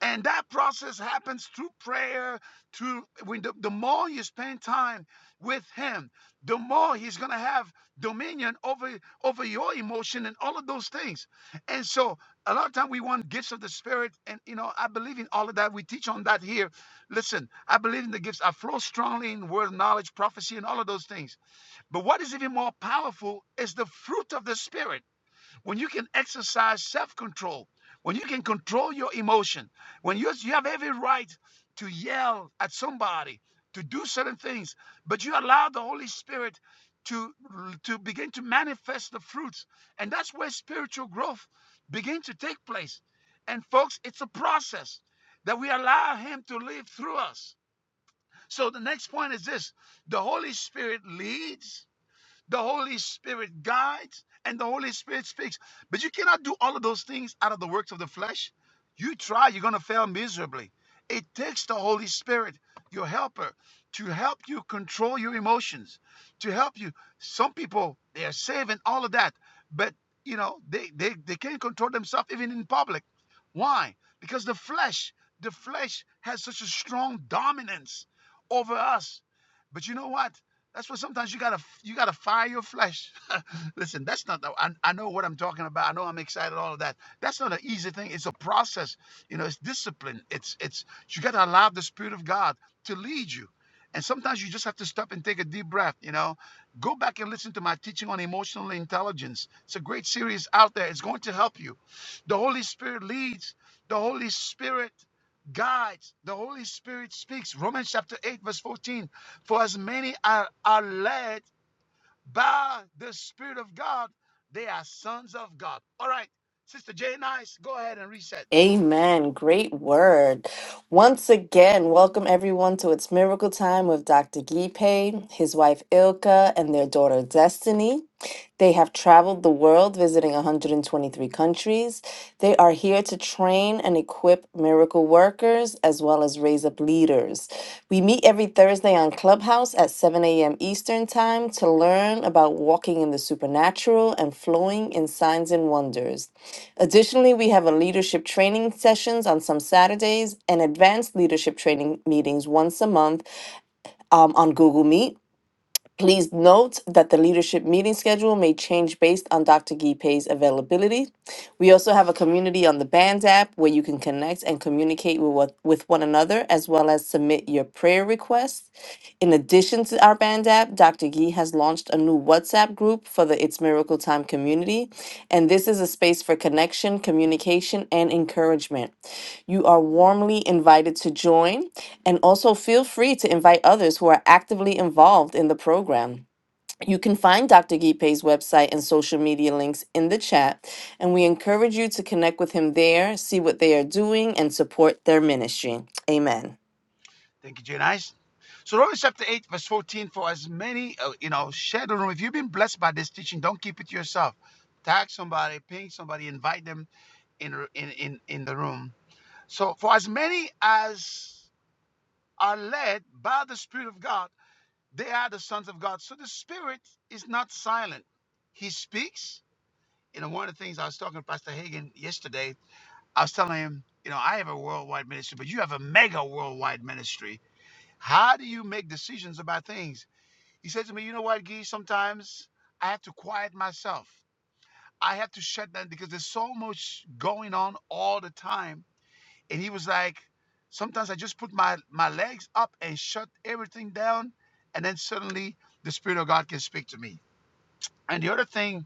A: And that process happens through prayer, through when the, the more you spend time with him, the more he's gonna have dominion over over your emotion and all of those things. And so a lot of time we want gifts of the spirit, and you know, I believe in all of that. We teach on that here. Listen, I believe in the gifts. I flow strongly in word knowledge, prophecy, and all of those things. But what is even more powerful is the fruit of the spirit when you can exercise self-control when you can control your emotion when you, you have every right to yell at somebody to do certain things but you allow the holy spirit to to begin to manifest the fruits and that's where spiritual growth begins to take place and folks it's a process that we allow him to live through us so the next point is this the holy spirit leads the Holy Spirit guides and the Holy Spirit speaks. But you cannot do all of those things out of the works of the flesh. You try, you're going to fail miserably. It takes the Holy Spirit, your helper, to help you control your emotions, to help you. Some people, they are saving all of that, but you know, they, they, they can't control themselves even in public. Why? Because the flesh, the flesh has such a strong dominance over us. But you know what? That's why sometimes you gotta you gotta fire your flesh. Listen, that's not the, I, I know what I'm talking about. I know I'm excited, all of that. That's not an easy thing. It's a process. You know, it's discipline. It's it's you gotta allow the Spirit of God to lead you. And sometimes you just have to stop and take a deep breath, you know. Go back and listen to my teaching on emotional intelligence. It's a great series out there. It's going to help you. The Holy Spirit leads, the Holy Spirit guides, the Holy Spirit speaks. Romans chapter 8, verse 14 for as many are, are led by the Spirit of God, they are sons of God. All right, Sister J. Nice, go ahead and reset.
K: Amen. Great word. Once again, welcome everyone to It's Miracle Time with Dr. Gipe, his wife Ilka, and their daughter Destiny. They have traveled the world visiting 123 countries They are here to train and equip miracle workers as well as raise up leaders. We meet every Thursday on Clubhouse at 7 a.m. Eastern Time to learn about walking in the supernatural and flowing in signs and wonders. Additionally, we have a leadership training sessions on some Saturdays and advanced leadership training meetings once a month um, on Google Meet. Please note that the leadership meeting schedule may change based on Dr. Gipe's availability. We also have a community on the Bands app where you can connect and communicate with, what, with one another as well as submit your prayer requests. In addition to our Bands app, Dr. Gee has launched a new WhatsApp group for the It's Miracle Time community, and this is a space for connection, communication, and encouragement. You are warmly invited to join, and also feel free to invite others who are actively involved in the program. You can find Dr. Gipe's website and social media links in the chat, and we encourage you to connect with him there, see what they are doing, and support their ministry. Amen.
A: Thank you, J. Nice. So Romans chapter 8, verse 14, for as many, uh, you know, share the room. If you've been blessed by this teaching, don't keep it to yourself. Tag somebody, ping somebody, invite them in, in, in, in the room. So for as many as are led by the Spirit of God, they are the sons of God. So the Spirit is not silent. He speaks you know, one of the things I was talking to Pastor Hagen yesterday, I was telling him, you know, I have a worldwide ministry, but you have a mega worldwide ministry. How do you make decisions about things? He said to me, you know what, Gee, sometimes I have to quiet myself. I have to shut down because there's so much going on all the time. And he was like, sometimes I just put my, my legs up and shut everything down. And then suddenly the Spirit of God can speak to me. And the other thing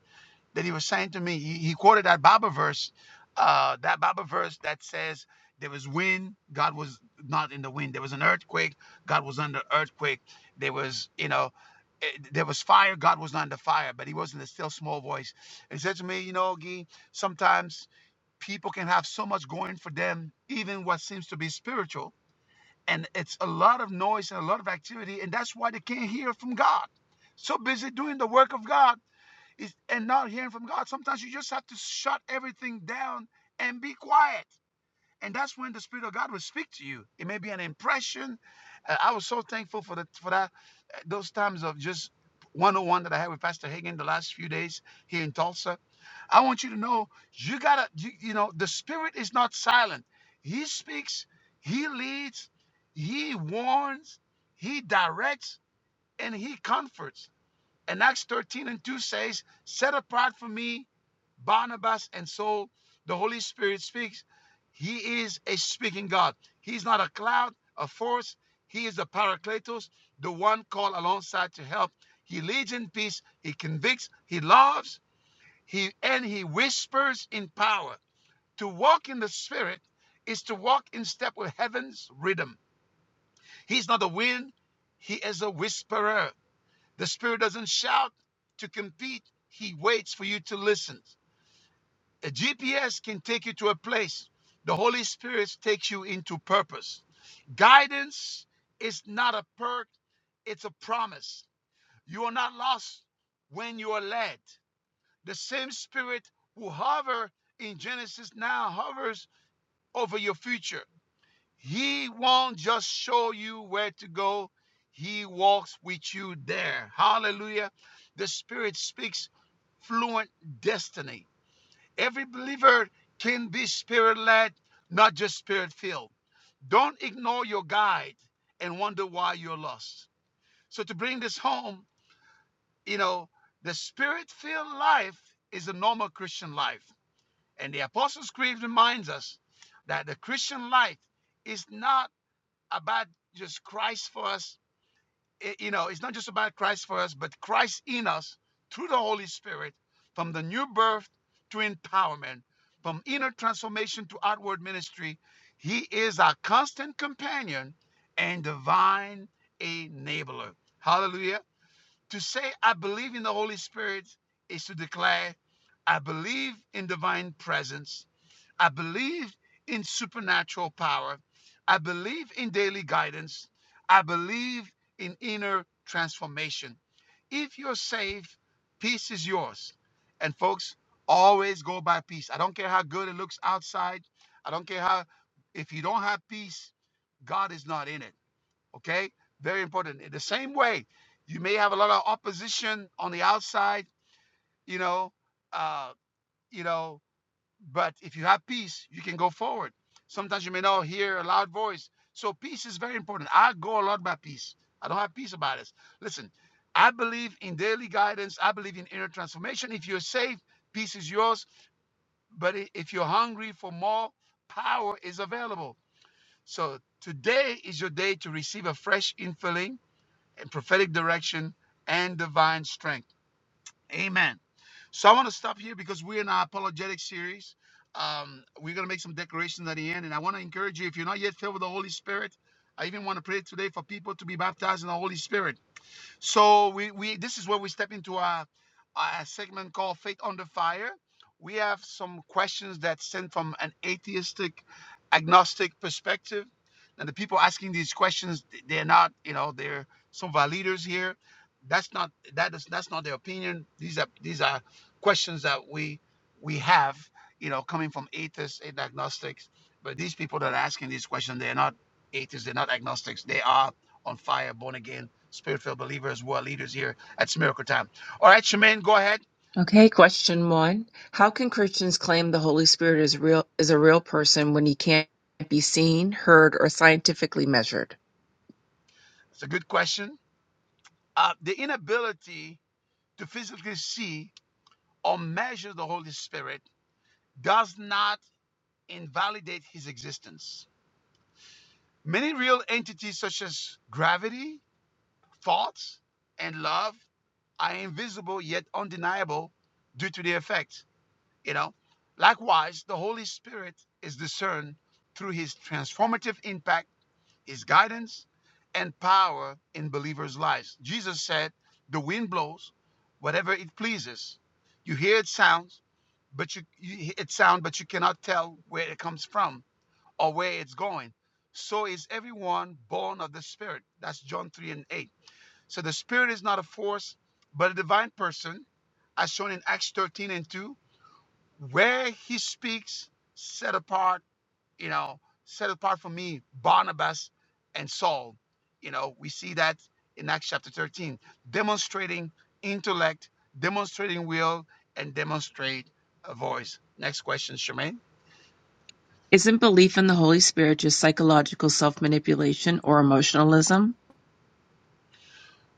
A: that he was saying to me. He, he quoted that Bible verse, uh, that Bible verse that says there was wind, God was not in the wind. There was an earthquake, God was under earthquake. There was, you know, eh, there was fire, God was not under fire, but he was in a still small voice. He said to me, you know, Gee, sometimes people can have so much going for them, even what seems to be spiritual. And it's a lot of noise and a lot of activity, and that's why they can't hear from God. So busy doing the work of God is and not hearing from God. Sometimes you just have to shut everything down and be quiet. And that's when the Spirit of God will speak to you. It may be an impression. Uh, I was so thankful for the for that uh, those times of just one-on-one that I had with Pastor Hagen the last few days here in Tulsa. I want you to know you gotta you, you know the Spirit is not silent. He speaks, He leads, He warns, He directs, and He comforts. And Acts 13 and 2 says, Set apart for me Barnabas. And so the Holy Spirit speaks. He is a speaking God. He's not a cloud, a force. He is the Paracletos, the one called alongside to help. He leads in peace. He convicts. He loves. He and he whispers in power. To walk in the Spirit is to walk in step with heaven's rhythm. He's not a wind. He is a whisperer. The Spirit doesn't shout to compete, He waits for you to listen. A GPS can take you to a place, the Holy Spirit takes you into purpose. Guidance is not a perk, it's a promise. You are not lost when you are led. The same Spirit who hover in Genesis now hovers over your future. He won't just show you where to go, He walks with you there. Hallelujah. The Spirit speaks fluent destiny. Every believer can be spirit led, not just spirit filled. Don't ignore your guide and wonder why you're lost. So, to bring this home, you know, the spirit filled life is a normal Christian life. And the Apostles' Creed reminds us that the Christian life is not about just Christ for us. You know, it's not just about Christ for us, but Christ in us through the Holy Spirit, from the new birth to empowerment, from inner transformation to outward ministry. He is our constant companion and divine enabler. Hallelujah. To say, I believe in the Holy Spirit is to declare, I believe in divine presence. I believe in supernatural power. I believe in daily guidance. I believe in inner transformation. If you're saved, peace is yours. And folks, always go by peace. I don't care how good it looks outside. I don't care how, if you don't have peace, God is not in it. Okay? Very important. In the same way, you may have a lot of opposition on the outside, you know, uh, you know, but if you have peace, you can go forward. Sometimes you may not hear a loud voice. So peace is very important. I go a lot by peace. I don't have peace about this. Listen, I believe in daily guidance. I believe in inner transformation. If you're safe, peace is yours. But if you're hungry for more, power is available. So today is your day to receive a fresh infilling and prophetic direction and divine strength. Amen. So I want to stop here because we're in our apologetic series. Um, we're going to make some declarations at the end. And I want to encourage you, if you're not yet filled with the Holy Spirit, I even want to pray today for people to be baptized in the Holy Spirit. So we, we this is where we step into a, a segment called Faith Under Fire. We have some questions that sent from an atheistic, agnostic perspective. And the people asking these questions, they're not, you know, they're some of our leaders here. That's not that is that's not their opinion. These are these are questions that we we have, you know, coming from atheists and agnostics. But these people that are asking these questions, they're not atheists, they're not agnostics. They are on fire, born again, spirit filled believers who are leaders here at It's Miracle Time. All right, Shemaine, go ahead.
B: Okay, question one. How can Christians claim the Holy Spirit is real is a real person when he can't be seen, heard, or scientifically measured?
A: It's a good question. Uh, the inability to physically see or measure the Holy Spirit does not invalidate his existence. Many real entities, such as gravity, thoughts, and love, are invisible yet undeniable due to their effect. You know, likewise, the Holy Spirit is discerned through his transformative impact is guidance and power in believers' lives. Jesus said, The wind blows whatever it pleases. You hear its sounds, but you, you it sound, but you cannot tell where it comes from or where it's going. So is everyone born of the Spirit. That's John 3 and 8. So the Spirit is not a force, but a divine person, as shown in Acts 13 and 2, where he speaks, set apart you know, set apart for me Barnabas and Saul. You know, we see that in Acts chapter 13, demonstrating intellect, demonstrating will, and demonstrate a voice. Next question, Charmaine.
B: Isn't belief in the Holy Spirit just psychological self-manipulation or emotionalism?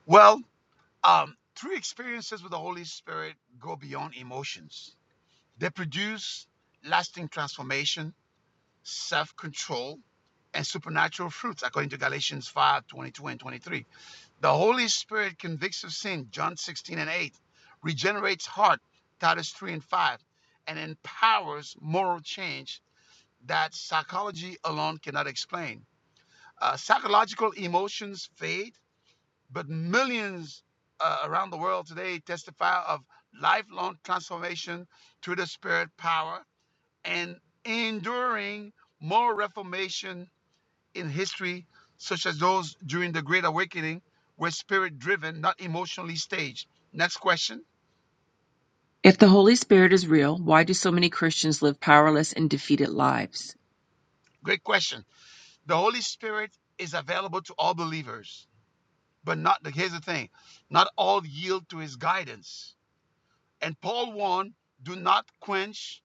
A: Well, um, true experiences with the Holy Spirit go beyond emotions. They produce lasting transformation, self-control, and supernatural fruits, according to Galatians 5, 22 and 23 The Holy Spirit convicts of sin, John 16 and 8, regenerates heart, Titus 3 and 5, and empowers moral change that psychology alone cannot explain. Uh, psychological emotions fade, but millions uh, around the world today testify of lifelong transformation through the Spirit power and enduring moral reformation in history, such as those during the Great Awakening, were spirit driven, not emotionally staged. Next question.
B: If the Holy Spirit is real, why do so many Christians live powerless and defeated lives?
A: Great question. The Holy Spirit is available to all believers, but not the here's the thing. Not all yield to his guidance. And Paul warned, do not quench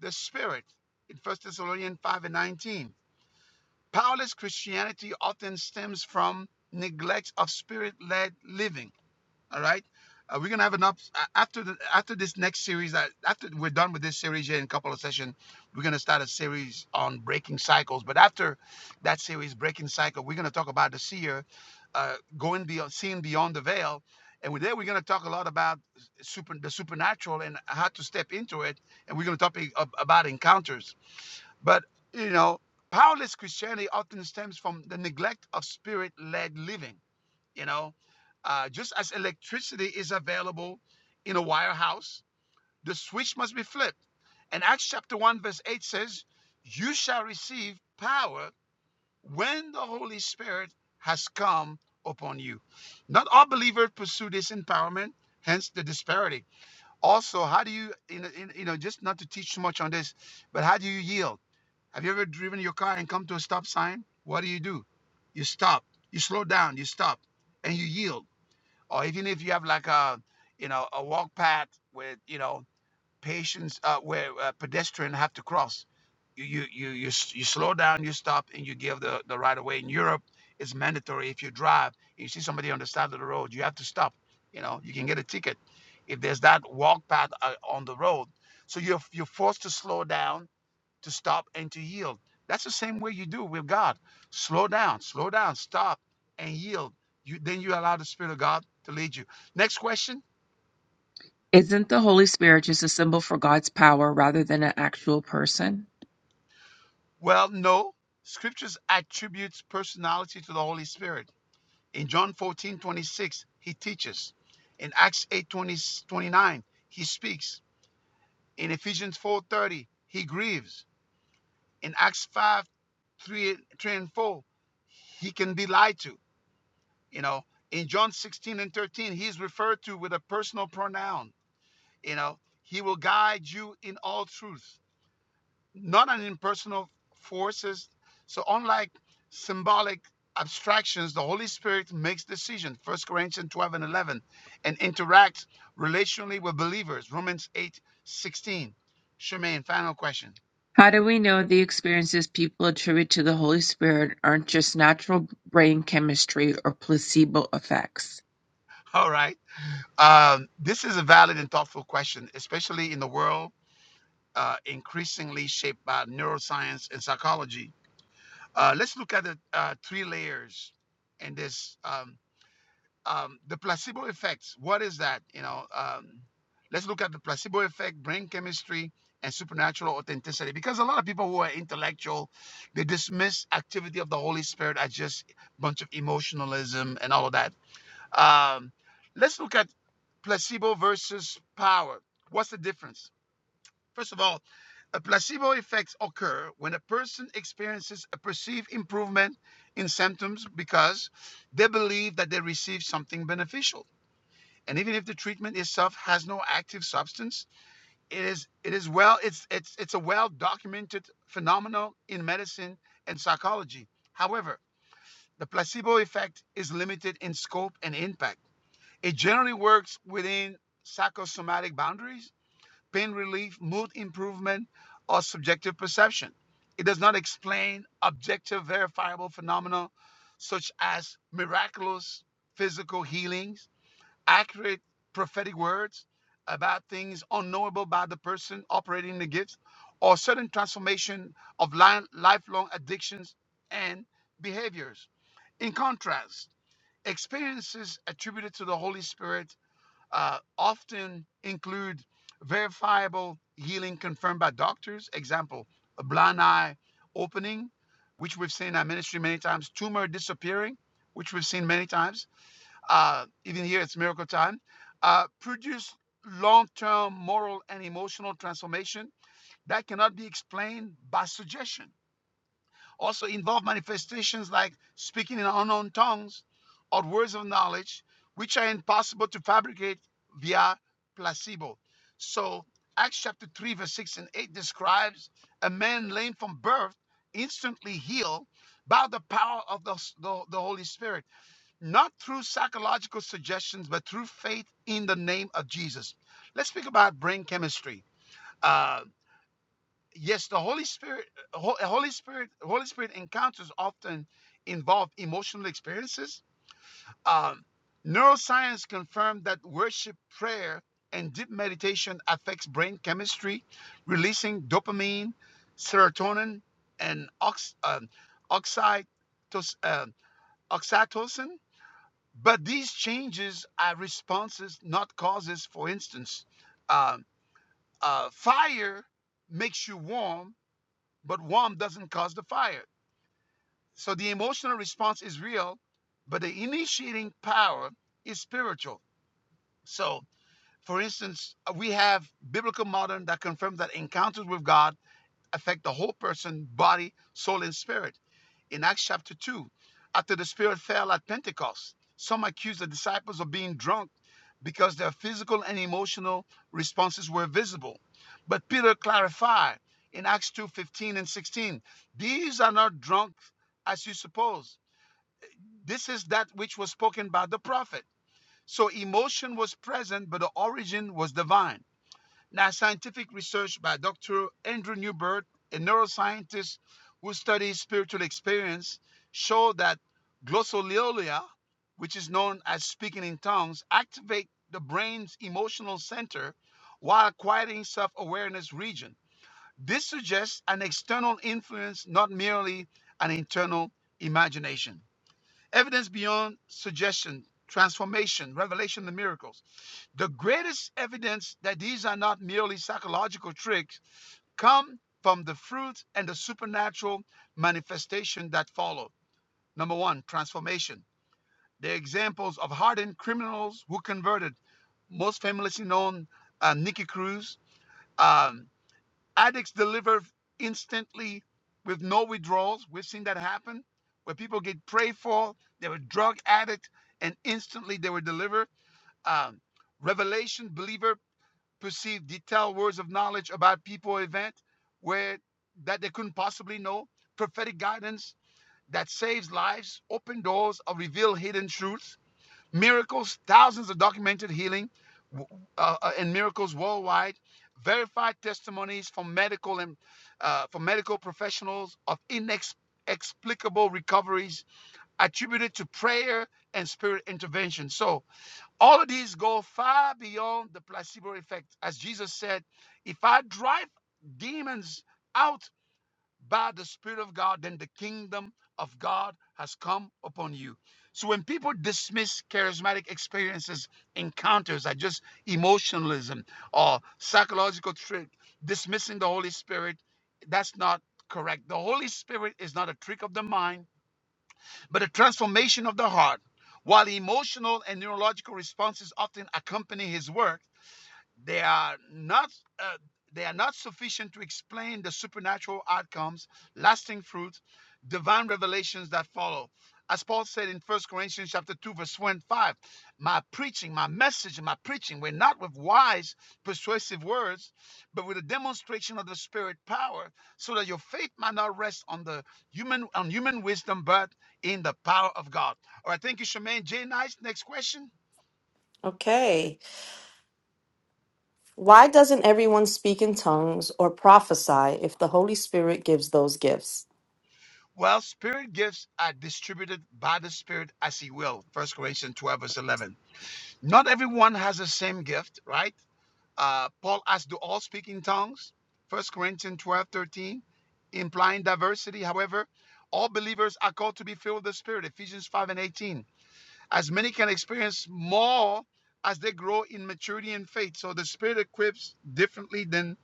A: the spirit in First Thessalonians 5 and 19. Powerless Christianity often stems from neglect of spirit-led living All right. Uh, we're gonna have an up uh, after the after this next series. uh, After we're done with this series here in a couple of sessions, we're gonna start a series on breaking cycles. But after that series, breaking cycle, we're gonna talk about the seer, uh, going beyond, seeing beyond the veil, and with that, we're gonna talk a lot about super the supernatural and how to step into it, and we're gonna talk about encounters. But you know, powerless Christianity often stems from the neglect of spirit-led living you know uh, just as electricity is available in a wire house, the switch must be flipped and acts chapter 1 verse 8 says you shall receive power when the holy spirit has come upon you not all believers pursue this empowerment hence the disparity also how do you you know, you know just not to teach too much on this but how do you yield have you ever driven your car and come to a stop sign what do you do you stop you slow down you stop and you yield or even if you have like a you know a walk path where you know patients uh, where uh, pedestrian have to cross you you you you, you slow down you stop and you give the, the right of way in europe it's mandatory if you drive you see somebody on the side of the road you have to stop you know you can get a ticket if there's that walk path uh, on the road so you're you're forced to slow down to stop and to yield. That's the same way you do with God. Slow down, slow down, stop and yield. You then you allow the Spirit of God to lead you. Next question.
B: Isn't the Holy Spirit just a symbol for God's power rather than an actual person?
A: Well, no. Scriptures attributes personality to the Holy Spirit. In John 14:26, he teaches. In Acts 8:29, he speaks. In Ephesians 4:30, he grieves. In Acts 5, 3 and 4, he can be lied to. You know, in John 16 and 13, he's referred to with a personal pronoun. You know, he will guide you in all truth, not an impersonal forces. So unlike symbolic abstractions, the Holy Spirit makes decisions, First Corinthians 12 and 11, and interacts relationally with believers, Romans 8:16. 16. Shemaine, final question.
B: How do we know the experiences people attribute to the Holy Spirit aren't just natural brain chemistry or placebo effects?
A: All right. Um, this is a valid and thoughtful question, especially in the world uh, increasingly shaped by neuroscience and psychology. Uh, let's look at the uh, three layers in this. Um, um, the placebo effects. What is that? You know, um, let's look at the placebo effect, brain chemistry, and supernatural authenticity. Because a lot of people who are intellectual, they dismiss activity of the Holy Spirit as just a bunch of emotionalism and all of that. Um, let's look at placebo versus power. What's the difference? First of all, a placebo effects occur when a person experiences a perceived improvement in symptoms because they believe that they receive something beneficial. And even if the treatment itself has no active substance, it is it is well it's it's it's a well documented phenomenon in medicine and psychology. However, the placebo effect is limited in scope and impact. It generally works within psychosomatic boundaries pain relief, mood improvement, or subjective perception. It does not explain objective, verifiable phenomena such as miraculous physical healings, accurate prophetic words about things unknowable by the person operating the gifts, or sudden transformation of lifelong addictions and behaviors. In contrast, experiences attributed to the Holy Spirit uh, often include verifiable healing confirmed by doctors. Example, a blind eye opening, which we've seen in our ministry many times, tumor disappearing, which we've seen many times. Uh, even here, it's miracle time. Uh, produce long term moral and emotional transformation that cannot be explained by suggestion also involve manifestations like speaking in unknown tongues or words of knowledge, which are impossible to fabricate via placebo. So, Acts chapter 3, verse 6 and 8 describes a man lame from birth instantly healed by the power of the, the, the Holy Spirit, not through psychological suggestions, but through faith in the name of Jesus. Let's speak about brain chemistry. Uh, yes the holy spirit Ho- holy spirit holy spirit encounters often involve emotional experiences um, neuroscience confirmed that worship prayer and deep meditation affects brain chemistry releasing dopamine serotonin and ox, um, oxytos, um, oxytocin but these changes are responses not causes for instance um, uh, fire makes you warm but warmth doesn't cause the fire. So the emotional response is real, but the initiating power is spiritual. So, for instance, uh, we have biblical modern that confirms that encounters with God affect the whole person, body, soul, and spirit in Acts chapter 2, after the Spirit fell at Pentecost, some accused the disciples of being drunk because their physical and emotional responses were visible. But Peter clarified in Acts 2 15 and 16 these are not drunk as you suppose. This is that which was spoken by the prophet. So emotion was present, but the origin was divine. Now, scientific research by Dr. Andrew Newberg, a neuroscientist who studies spiritual experience, showed that glossolalia, which is known as speaking in tongues, activate the brain's emotional center while quieting self-awareness region. This suggests an external influence, not merely an internal imagination. Evidence beyond suggestion, transformation, revelation, the miracles. The greatest evidence that these are not merely psychological tricks come from the fruit and the supernatural manifestation that follow. Number one, transformation. The examples of hardened criminals who converted, most famously known uh, Nikki Cruz. um, addicts deliver instantly with no withdrawals. We've seen that happen where people get prayed for, they were drug addict, and instantly they were delivered. Um, revelation believer perceived detailed words of knowledge about people or event where that they couldn't possibly know. Prophetic guidance that saves lives, open doors, or reveal hidden truths miracles, thousands of documented healing uh, uh, and miracles worldwide, verified testimonies from medical and uh, from medical professionals of inexplicable recoveries attributed to prayer and spirit intervention. So all of these go far beyond the placebo effect, as Jesus said, "If I drive demons." out." by the Spirit of God, then the kingdom of God has come upon you. So when people dismiss charismatic experiences, encounters are just emotionalism or psychological trick, dismissing the Holy Spirit, that's not correct. The Holy Spirit is not a trick of the mind, but a transformation of the heart. While emotional and neurological responses often accompany his work, they are not uh, they are not sufficient to explain the supernatural outcomes, lasting fruit, divine revelations that follow. As Paul said in First Corinthians chapter 2, verse 1 5, my preaching, my message, my preaching were not with wise, persuasive words, but with a demonstration of the spirit power, so that your faith might not rest on the human on human wisdom, but in the power of God. All right, thank you, Shemaine. Jay Nice, next question.
K: Okay. Why doesn't everyone speak in tongues or prophesy if the Holy Spirit gives those gifts?
A: Well, spirit gifts are distributed by the Spirit as He will. First Corinthians 12, verse 11. Not everyone has the same gift, right? Uh, Paul asked, Do all speak in tongues? First Corinthians 12:13, implying diversity. However, all believers are called to be filled with the Spirit, Ephesians 5 and 18. As many can experience more as they grow in maturity and faith. So the Spirit equips differently than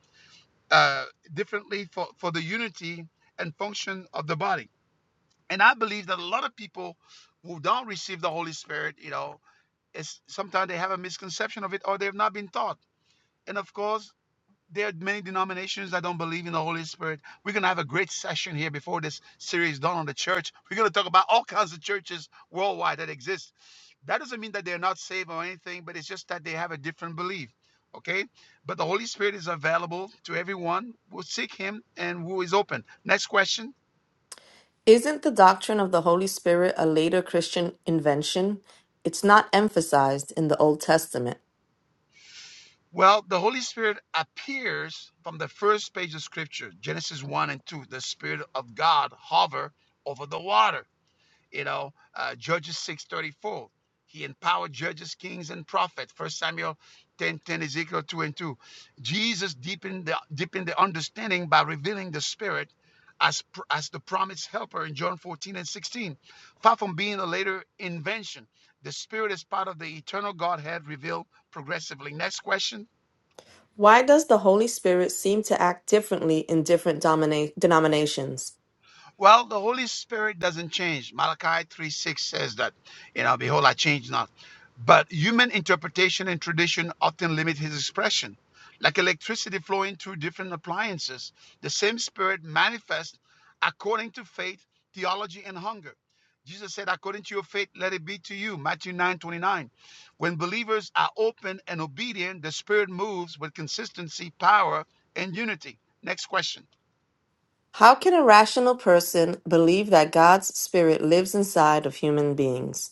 A: uh, differently for, for the unity and function of the body. And I believe that a lot of people who don't receive the Holy Spirit, you know, is sometimes they have a misconception of it or they've not been taught. And of course, there are many denominations that don't believe in the Holy Spirit. We're gonna have a great session here before this series is done on the church. We're gonna talk about all kinds of churches worldwide that exist. That doesn't mean that they're not saved or anything, but it's just that they have a different belief. Okay, but the Holy Spirit is available to everyone who seek Him and who is open. Next question.
K: Isn't the doctrine of the Holy Spirit a later Christian invention? It's not emphasized in the Old Testament.
A: Well, the Holy Spirit appears from the first page of Scripture, Genesis 1 and 2. The Spirit of God hover over the water. You know, uh, Judges 6 34. He empowered judges, kings, and prophets. First Samuel 10 10, Ezekiel 2 and 2. Jesus deepened the, deepened the understanding by revealing the Spirit as, pr- as the promised helper in John 14 and 16. Far from being a later invention, the Spirit is part of the eternal Godhead revealed progressively. Next question.
K: Why does the Holy Spirit seem to act differently in different domina- denominations?
A: Well, the Holy Spirit doesn't change. Malachi 3 6 says that, you know, behold, I change not. But human interpretation and tradition often limit his expression. Like electricity flowing through different appliances, the same Spirit manifests according to faith, theology, and hunger. Jesus said, according to your faith, let it be to you. Matthew nine twenty nine. When believers are open and obedient, the Spirit moves with consistency, power, and unity. Next question.
K: How can a rational person believe that God's Spirit lives inside of human beings?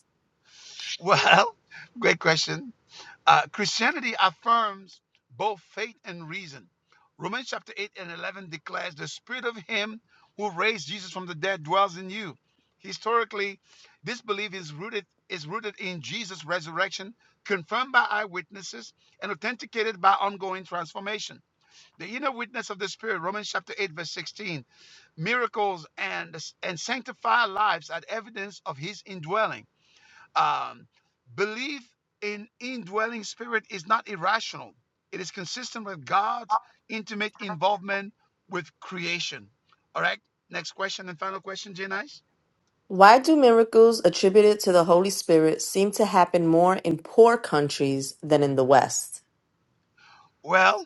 A: Well, great question. Uh, Christianity affirms both faith and reason. Romans chapter 8 and 11 declares the spirit of him who raised Jesus from the dead dwells in you. Historically, this belief is rooted is rooted in Jesus' resurrection, confirmed by eyewitnesses and authenticated by ongoing transformation. The inner witness of the spirit, Romans chapter 8 verse 16, miracles and and sanctified lives are evidence of his indwelling. Um, belief in indwelling spirit is not irrational. It is consistent with God's intimate involvement with creation. All right. Next question and final question, Janice.
K: Why do miracles attributed to the Holy Spirit seem to happen more in poor countries than in the West?
A: Well,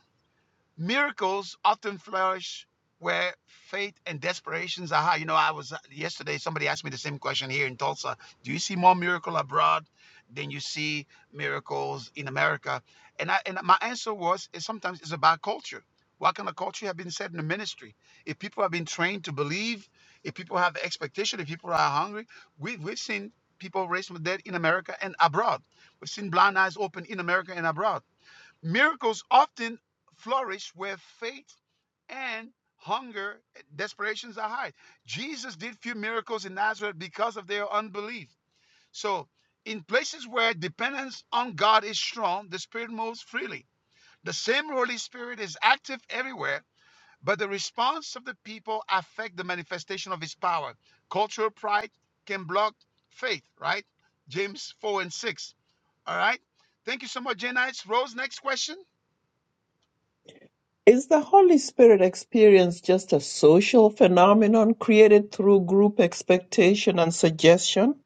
A: Miracles often flourish where faith and desperations are high. You know, I was yesterday, somebody asked me the same question here in Tulsa. Do you see more miracle abroad than you see miracles in America? And I and my answer was is sometimes it's about culture. What kind of culture have been set in the ministry? If people have been trained to believe, if people have expectation, if people are hungry, we, we've seen people raised from the dead in America and abroad. We've seen blind eyes open in America and abroad Miracles often flourish where faith and hunger, desperations are high. Jesus did few miracles in Nazareth because of their unbelief. So, in places where dependence on God is strong, the Spirit moves freely. The same Holy Spirit is active everywhere, but the response of the people affect the manifestation of His power. Cultural pride can block faith, right? James 4 and 6. All right. Thank you so much, Janice. Rose, next question.
G: Is the Holy Spirit experience just a social phenomenon created through group expectation and suggestion?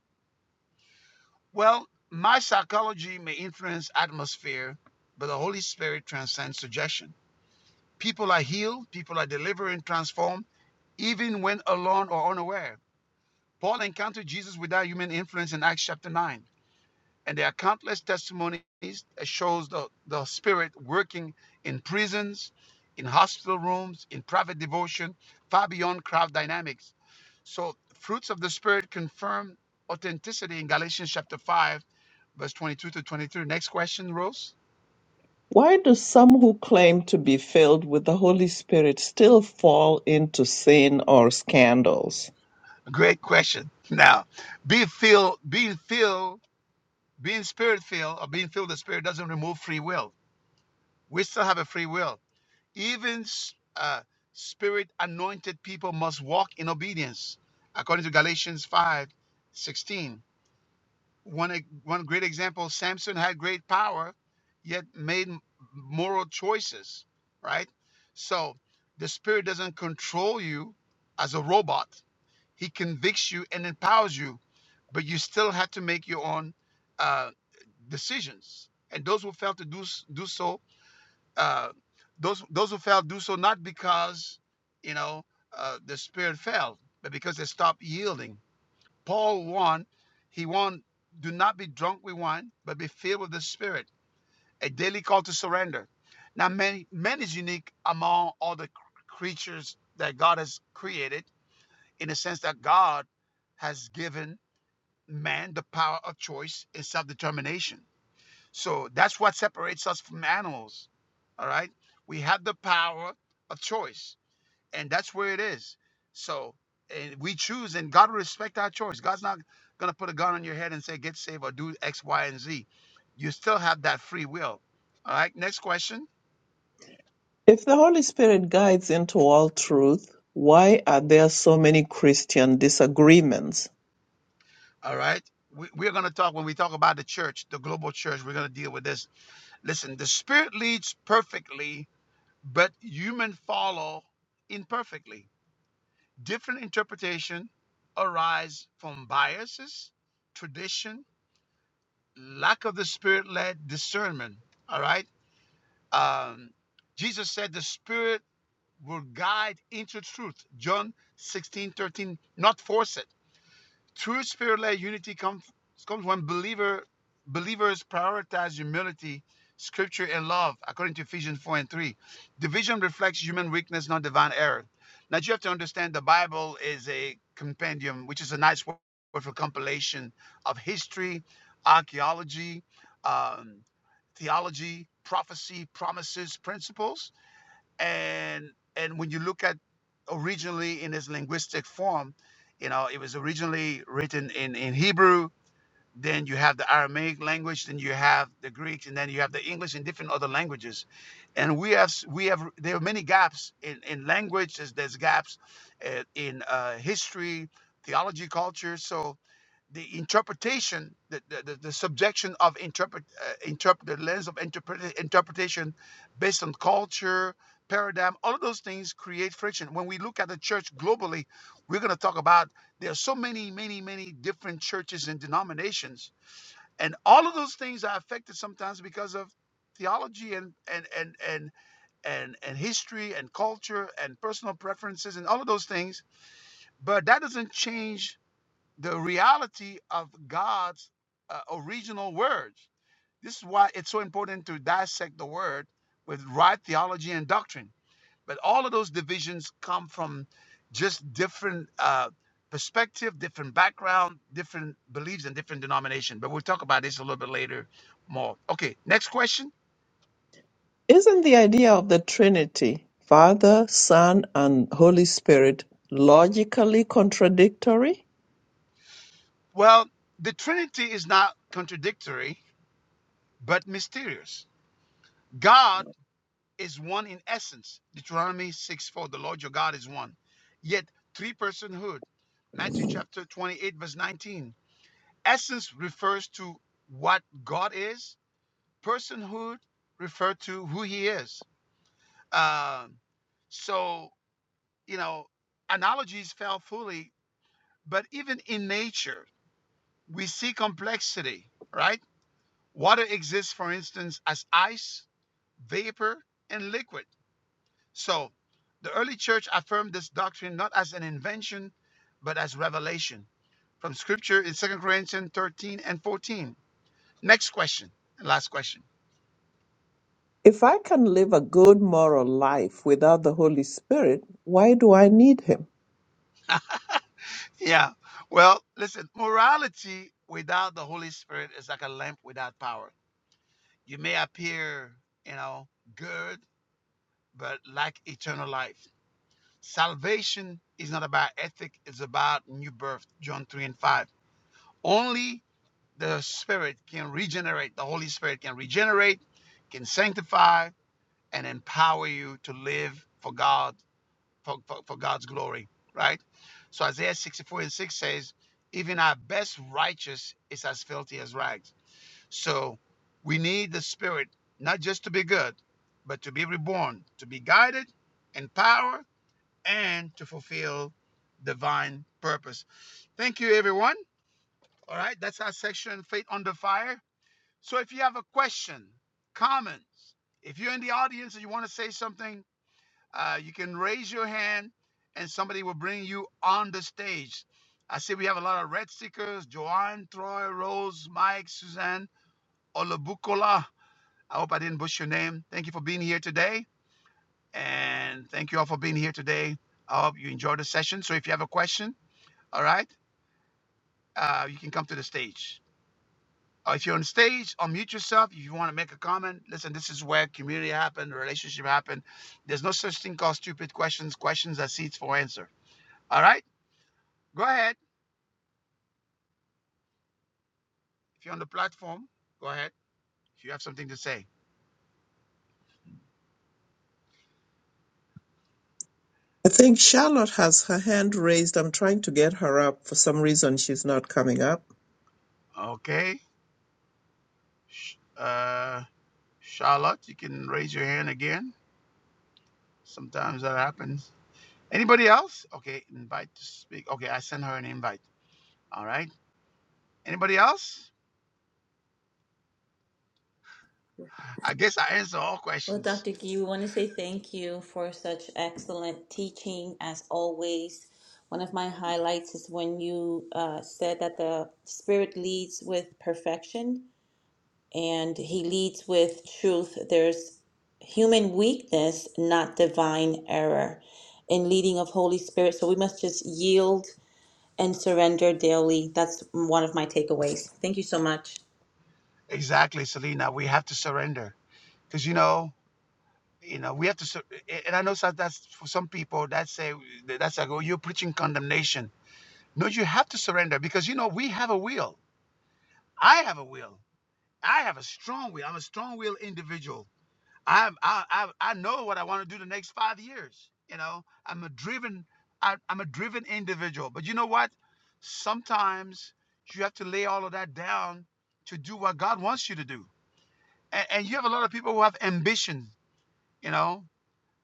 A: Well, my psychology may influence atmosphere, but the Holy Spirit transcends suggestion. People are healed, people are delivered and transformed, even when alone or unaware. Paul encountered Jesus without human influence in Acts chapter 9. And there are countless testimonies that shows the, the spirit working in prisons, in hospital rooms, in private devotion, far beyond crowd dynamics. So fruits of the spirit confirm authenticity in Galatians chapter 5, verse 22 to 23. Next question, Rose.
G: Why do some who claim to be filled with the Holy Spirit still fall into sin or scandals?
A: Great question. Now, be filled, being filled, being spirit filled, or being filled with the spirit doesn't remove free will. We still have a free will Even uh, spirit anointed people must walk in obedience, according to Galatians 5:16. One, e- one great example Samson had great power, yet made moral choices, right? So the spirit doesn't control you as a robot, he convicts you and empowers you, but you still have to make your own uh, decisions. And those who fail to do, do so uh, those those who fell do so not because you know uh, the spirit fell, but because they stopped yielding. Paul warned, he warned, do not be drunk with wine, but be filled with the Spirit. A daily call to surrender. Now, man, man is unique among all the creatures that God has created, in the sense that God has given man the power of choice and self-determination so that's what separates us from animals. All right. We have the power of choice, and that's where it is. So, and we choose, and God will respect our choice. God's not going to put a gun on your head and say, get saved or do X, Y, and Z. You still have that free will. All right. Next question.
G: If the Holy Spirit guides into all truth, why are there so many Christian disagreements?
A: All right. We, we're going to talk when we talk about the church, the global church, we're going to deal with this. Listen, the spirit leads perfectly, but human follow imperfectly Different interpretation arise from biases, tradition, lack of the spirit-led discernment. All right. Um, Jesus said the spirit will guide into truth. John 16 13. not force it. True spirit-led unity comes comes when believer believers prioritize humility, scripture, and love, according to Ephesians 4 and 3. Division reflects human weakness, not divine error. Now you have to understand the Bible is a compendium, which is a nice word for compilation of history, archaeology, um, theology, prophecy, promises, principles and and when you look at originally in its linguistic form you know it was originally written in in hebrew then you have the Aramaic language, then you have the Greek, and then you have the English and different other languages. And we have we have there are many gaps in in language. There's, there's gaps uh, in uh, history, theology, culture. So the interpretation, the the, the, the subjection of interpret uh, interpret the lens of interpret, interpretation based on culture. Paradigm, all of those things create friction. When we look at the church globally, we're going to talk about there are so many, many, many different churches and denominations, and all of those things are affected sometimes because of theology and and and and and, and history and culture and personal preferences and all of those things. But that doesn't change the reality of God's uh, original words. This is why it's so important to dissect the word with right theology and doctrine but all of those divisions come from just different uh, perspective, different background, different beliefs, and different denomination. But we'll talk about this a little bit later more. Okay, next question.
G: Isn't the idea of the Trinity, Father, Son, and Holy Spirit, logically contradictory?
A: Well, the Trinity is not contradictory, but mysterious. God is one in essence. Deuteronomy 6 4, the Lord your God is one. Yet three personhood. Matthew chapter 28, verse 19. Essence refers to what God is, personhood referred to who he is. Um, so, you know, analogies fail fully, but even in nature, we see complexity, right? Water exists, for instance, as ice, vapor, and liquid. So, the early church affirmed this doctrine not as an invention, but as revelation from scripture in Second Corinthians 13 and 14. Next question, and last question.
G: If I can live a good moral life without the Holy Spirit, why do I need Him?
A: Yeah. Well, listen, morality without the Holy Spirit is like a lamp without power. You may appear, you know, good, but lack eternal life. Salvation is not about ethic, it's about new birth, John 3 and 5. Only the Spirit can regenerate, the Holy Spirit can regenerate, can sanctify, and empower you to live for God for, for, for God's glory, right? So Isaiah 64 and 6 says, even our best righteous is as filthy as rags. So we need the Spirit not just to be good, but to be reborn, to be guided, empowered, and to fulfill divine purpose. Thank you, everyone. All right, that's our section, Faith Under Fire. So if you have a question, comments, if you're in the audience and you want to say something, uh, you can raise your hand and somebody will bring you on the stage. I see we have a lot of red stickers Joanne, Troy, Rose, Mike, Suzanne, Olabukola. I hope I didn't butcher your name. Thank you for being here today. And thank you all for being here today. I hope you enjoyed the session. So if you have a question, all right, uh, you can come to the stage. Or if you're on stage, unmute yourself. If you want to make a comment, listen, this is where community happens, relationship happens. There's no such thing called stupid questions, questions that seeds for answer. All right? Go ahead. If you're on the platform, go ahead. If you have something to say.
G: I think Charlotte has her hand raised. I'm trying to get her up. For some reason, she's not coming up.
A: Okay. Uh, Charlotte, you can raise your hand again. Sometimes that happens. Anybody else? Okay, invite to speak. Okay, I sent her an invite. All right. Anybody else? I guess I answer all
I: Well,
A: questions.
I: Dr. Gee, we want to say thank you for such excellent teaching as always. One of my highlights is when you uh, said that the Spirit leads with perfection and He leads with truth. There's human weakness, not divine error in leading of Holy Spirit. So we must just yield and surrender daily. That's one of my takeaways. Thank you so much.
A: Exactly, Selena. We have to surrender because you know, you know, we have to. Sur- and I know that's for some people that say that's like, oh, you're preaching condemnation. No, you have to surrender because you know we have a will I have a will. I have a strong will. I'm a strong will individual. I'm, I, I I know what I want to do the next five years. You know, I'm a driven I, I'm a driven individual. But you know what? Sometimes you have to lay all of that down to do what God wants you to do. And, and you have a lot of people who have ambition. You know,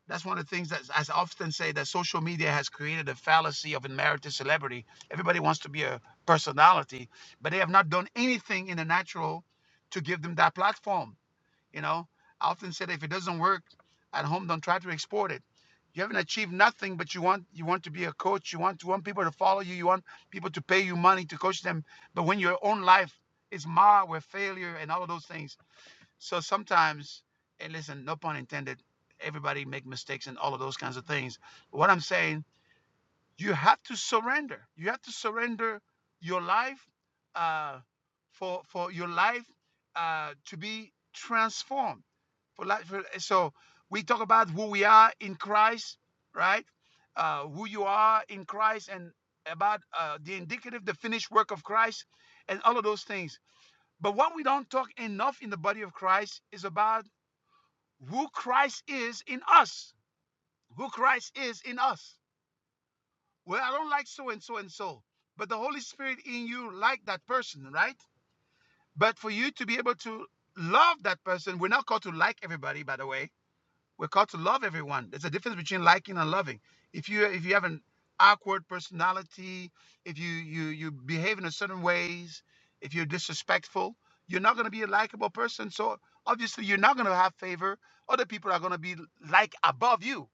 A: that's one of the things that I often say that social media has created a fallacy of unmerited celebrity. Everybody wants to be a personality, but they have not done anything in the natural to give them that platform. You know, I often say that if it doesn't work at home, don't try to export it. You haven't achieved nothing, but you want you want to be a coach. You want to want people to follow you. You want people to pay you money to coach them. But when your own life is marred with failure and all of those things so sometimes, and listen, no pun intended, everybody make mistakes and all of those kinds of things. What I'm saying, you have to surrender. You have to surrender your life uh, for for your life uh, to be transformed. For life, for- so we talk about who we are in Christ, right? Uh, who you are in Christ, and about uh, the indicative, the finished work of Christ, and all of those things. But what we don't talk enough in the body of Christ is about who Christ is in us. Who Christ is in us. Well, I don't like so and so and so, but the Holy Spirit in you like that person, right? But for you to be able to love that person, we're not called to like everybody, by the way. We're called to love everyone. There's a difference between liking and loving. If you if you have an awkward personality, if you you you behave in a certain ways, if you're disrespectful, you're not going to be a likable person. So obviously, you're not going to have favor. Other people are going to be like above you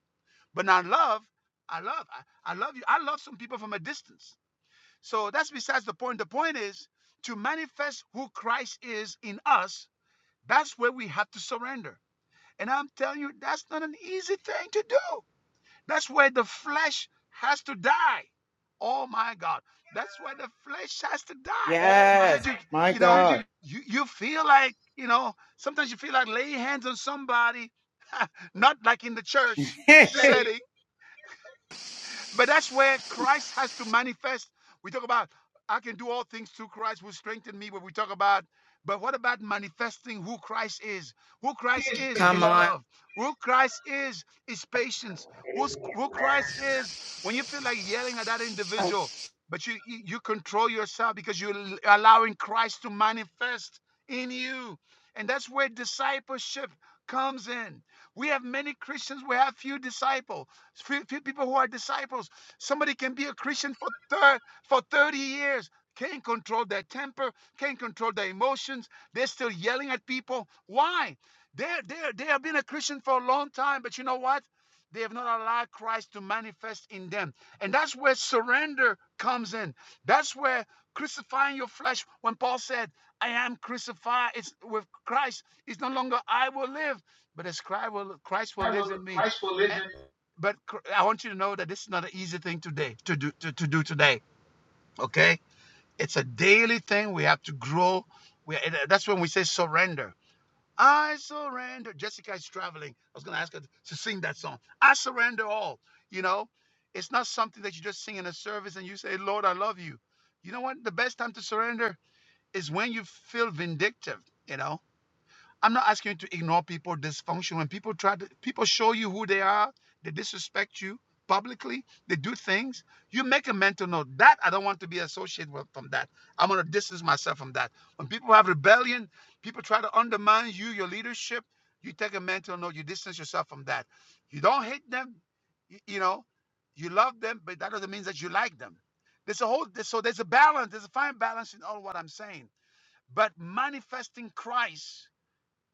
A: But now love, I love, I, I love you. I love some people from a distance. So that's besides the point. The point is to manifest who Christ is in us, that's where we have to surrender. And I'm telling you, that's not an easy thing to do. That's where the flesh has to die. Oh my God. That's where the flesh has to die. Is
H: Yes,
A: that you you know, you, you feel like, you know, sometimes you feel like laying hands on somebody, not like in the church setting but that's where Christ has to manifest. We talk about I can do all things through Christ who strengthened me, but we talk about but what about manifesting who Christ is? Who Christ is
H: come
A: is
H: on.
A: love. Who Christ is is patience.
F: Spirit.
A: Who's, who
F: Amen.
A: Christ is when you feel like yelling at that
D: Oh,
A: individual, but you you control yourself because you're allowing Christ to manifest in you. And that's where discipleship comes in. We have many Christians. We have few disciples, few, few people who are disciples. Somebody can be a Christian for thir- for 30 years, can't control their temper, can't control their emotions. They're still yelling at people. Why? They're, they're, they have been a Christian for a long time, but you know what? They have not allowed Christ to manifest in them. And that's where surrender comes in. That's where crucifying your flesh, when Paul said, I am crucified, it's with Christ, it's no longer I will live, but as Christ will, Christ will lives in me. Eh, But Chr- I want you to know that this is not an easy thing today to do to, to do today. Okay, it's a daily thing. We have to grow. We, and, uh, that's when we say surrender. I surrender. Jessica is traveling. I was going to ask her to sing that song. I surrender all. You know, it's not something that you just sing in a service and you say, Lord, I love you. You know what? The best time to surrender is when you feel vindictive. You know, I'm not asking you to ignore people dysfunction. When people try to people show you who they are, they disrespect you publicly, they do things, you make a mental note. That I don't want to be associated with from that. I'm gonna distance myself from that. When people have rebellion, people try to undermine you, your leadership, you take a mental note, you distance yourself from that. You don't hate them, y- you know, you love them, but that doesn't mean that you like them. There's a whole so there's a balance, there's a fine balance in all what I'm saying. But manifesting Christ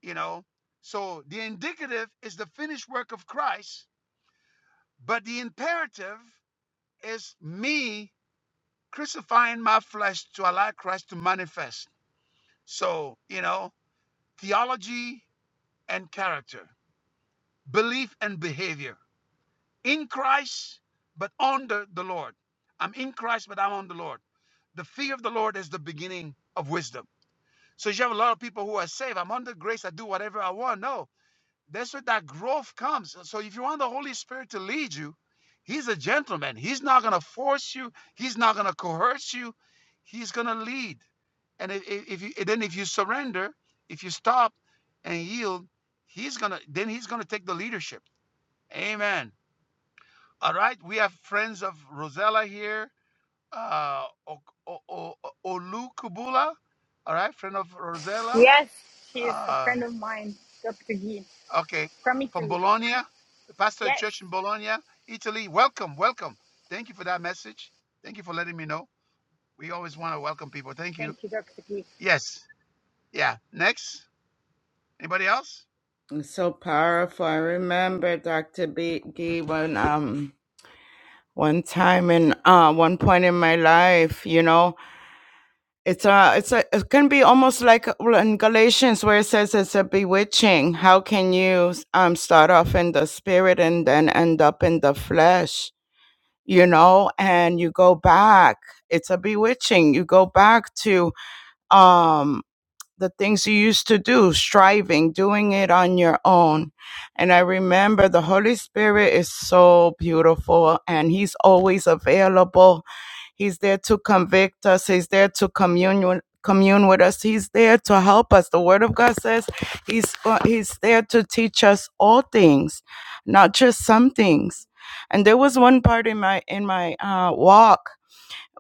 A: you know so the indicative is the finished work of christ but the imperative is me crucifying my flesh to allow christ to manifest so you know theology and character belief and behavior in christ but under the lord i'm in christ but i'm on the lord the fear of the lord is the beginning of wisdom so you have a lot of people who are saved i'm under grace i do whatever i want no That's where that growth comes. So if you want the Holy Spirit to lead you, He's a gentleman. He's not going to force you. He's not going to coerce you. He's going to lead. And if, if you then if you surrender, if you stop and yield, he's gonna then he's gonna take the leadership. Amen. All right, we have friends of Rosella here, uh, O- Olukubula. All right, friend of Rosella.
D: yes, she's a
A: Uh,
D: friend of mine, Dr. G.
A: Okay,
D: from
A: from
D: Italy.
A: Bologna, the pastor of
D: Yes,
A: church in Bologna, Italy. Welcome, welcome. Thank you for that message. Thank you for letting me know. We always want to welcome people. Thank you.
D: thank you, Dr. G.
A: Yes. Yeah. Next. Anybody else?
H: It's so powerful. I remember Dr. B B D one um one time in uh one point in my life, you know. It's a it's a it can be almost like well, in Galatians where it says it's a bewitching. How can you um start off in the spirit and then end up in the flesh? you know and you go back it's a bewitching you go back to um the things you used to do, striving, doing it on your own. And I remember the Holy Spirit is so beautiful and He's always available. He's there to convict us, He's there to commune with commune with us he's there to help us the word of god says he's go- he's there to teach us all things not just some things and there was one part in my in my uh walk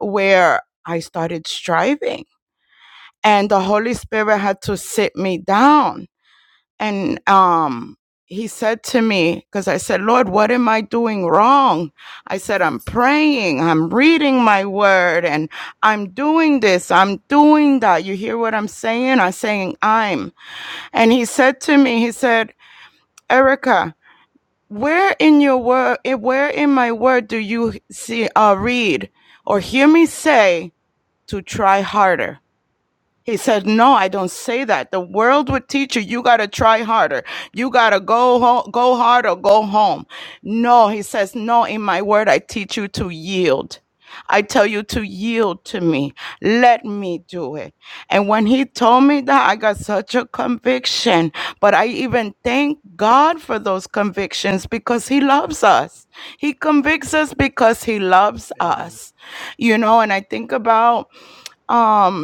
H: where i started striving and the holy spirit had to sit me down and um he said to me because i said lord what am i doing wrong i said i'm praying i'm reading my word and i'm doing this i'm doing that you hear what i'm saying i'm saying i'm and he said to me he said erica where in your word where in my word do you see uh read or hear me say to try harder he said, "No, I don't say that. The world would teach you you got to try harder. You got to go ho- go hard or go home." No, he says, "No, in my word I teach you to yield. I tell you to yield to me. Let me do it." And when he told me that, I got such a conviction, but I even thank God for those convictions because he loves us. He convicts us because he loves us. You know, and I think about um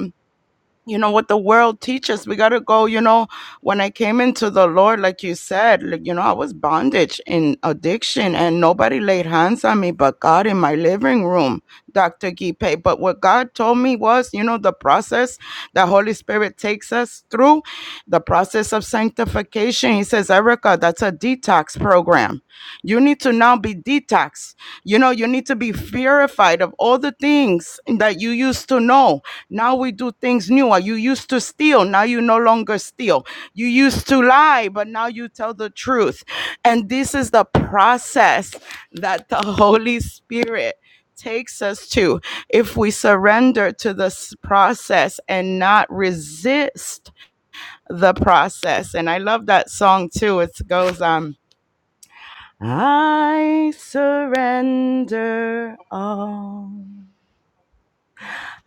H: you know what the world teaches we got to go you know when i came into the lord like you said like you know i was bondage in addiction and nobody laid hands on me but god in my living room dr gipe but what god told me was you know the process that holy spirit takes us through the process of sanctification he says erica that's a detox program you need to now be detoxed you know you need to be purified of all the things that you used to know now we do things newer. You used to steal, now you no longer steal. You used to lie, but now you tell the truth. And this is the process that the Holy Spirit takes us to if we surrender to this process and not resist the process. And I love that song too. It goes, um, I surrender all.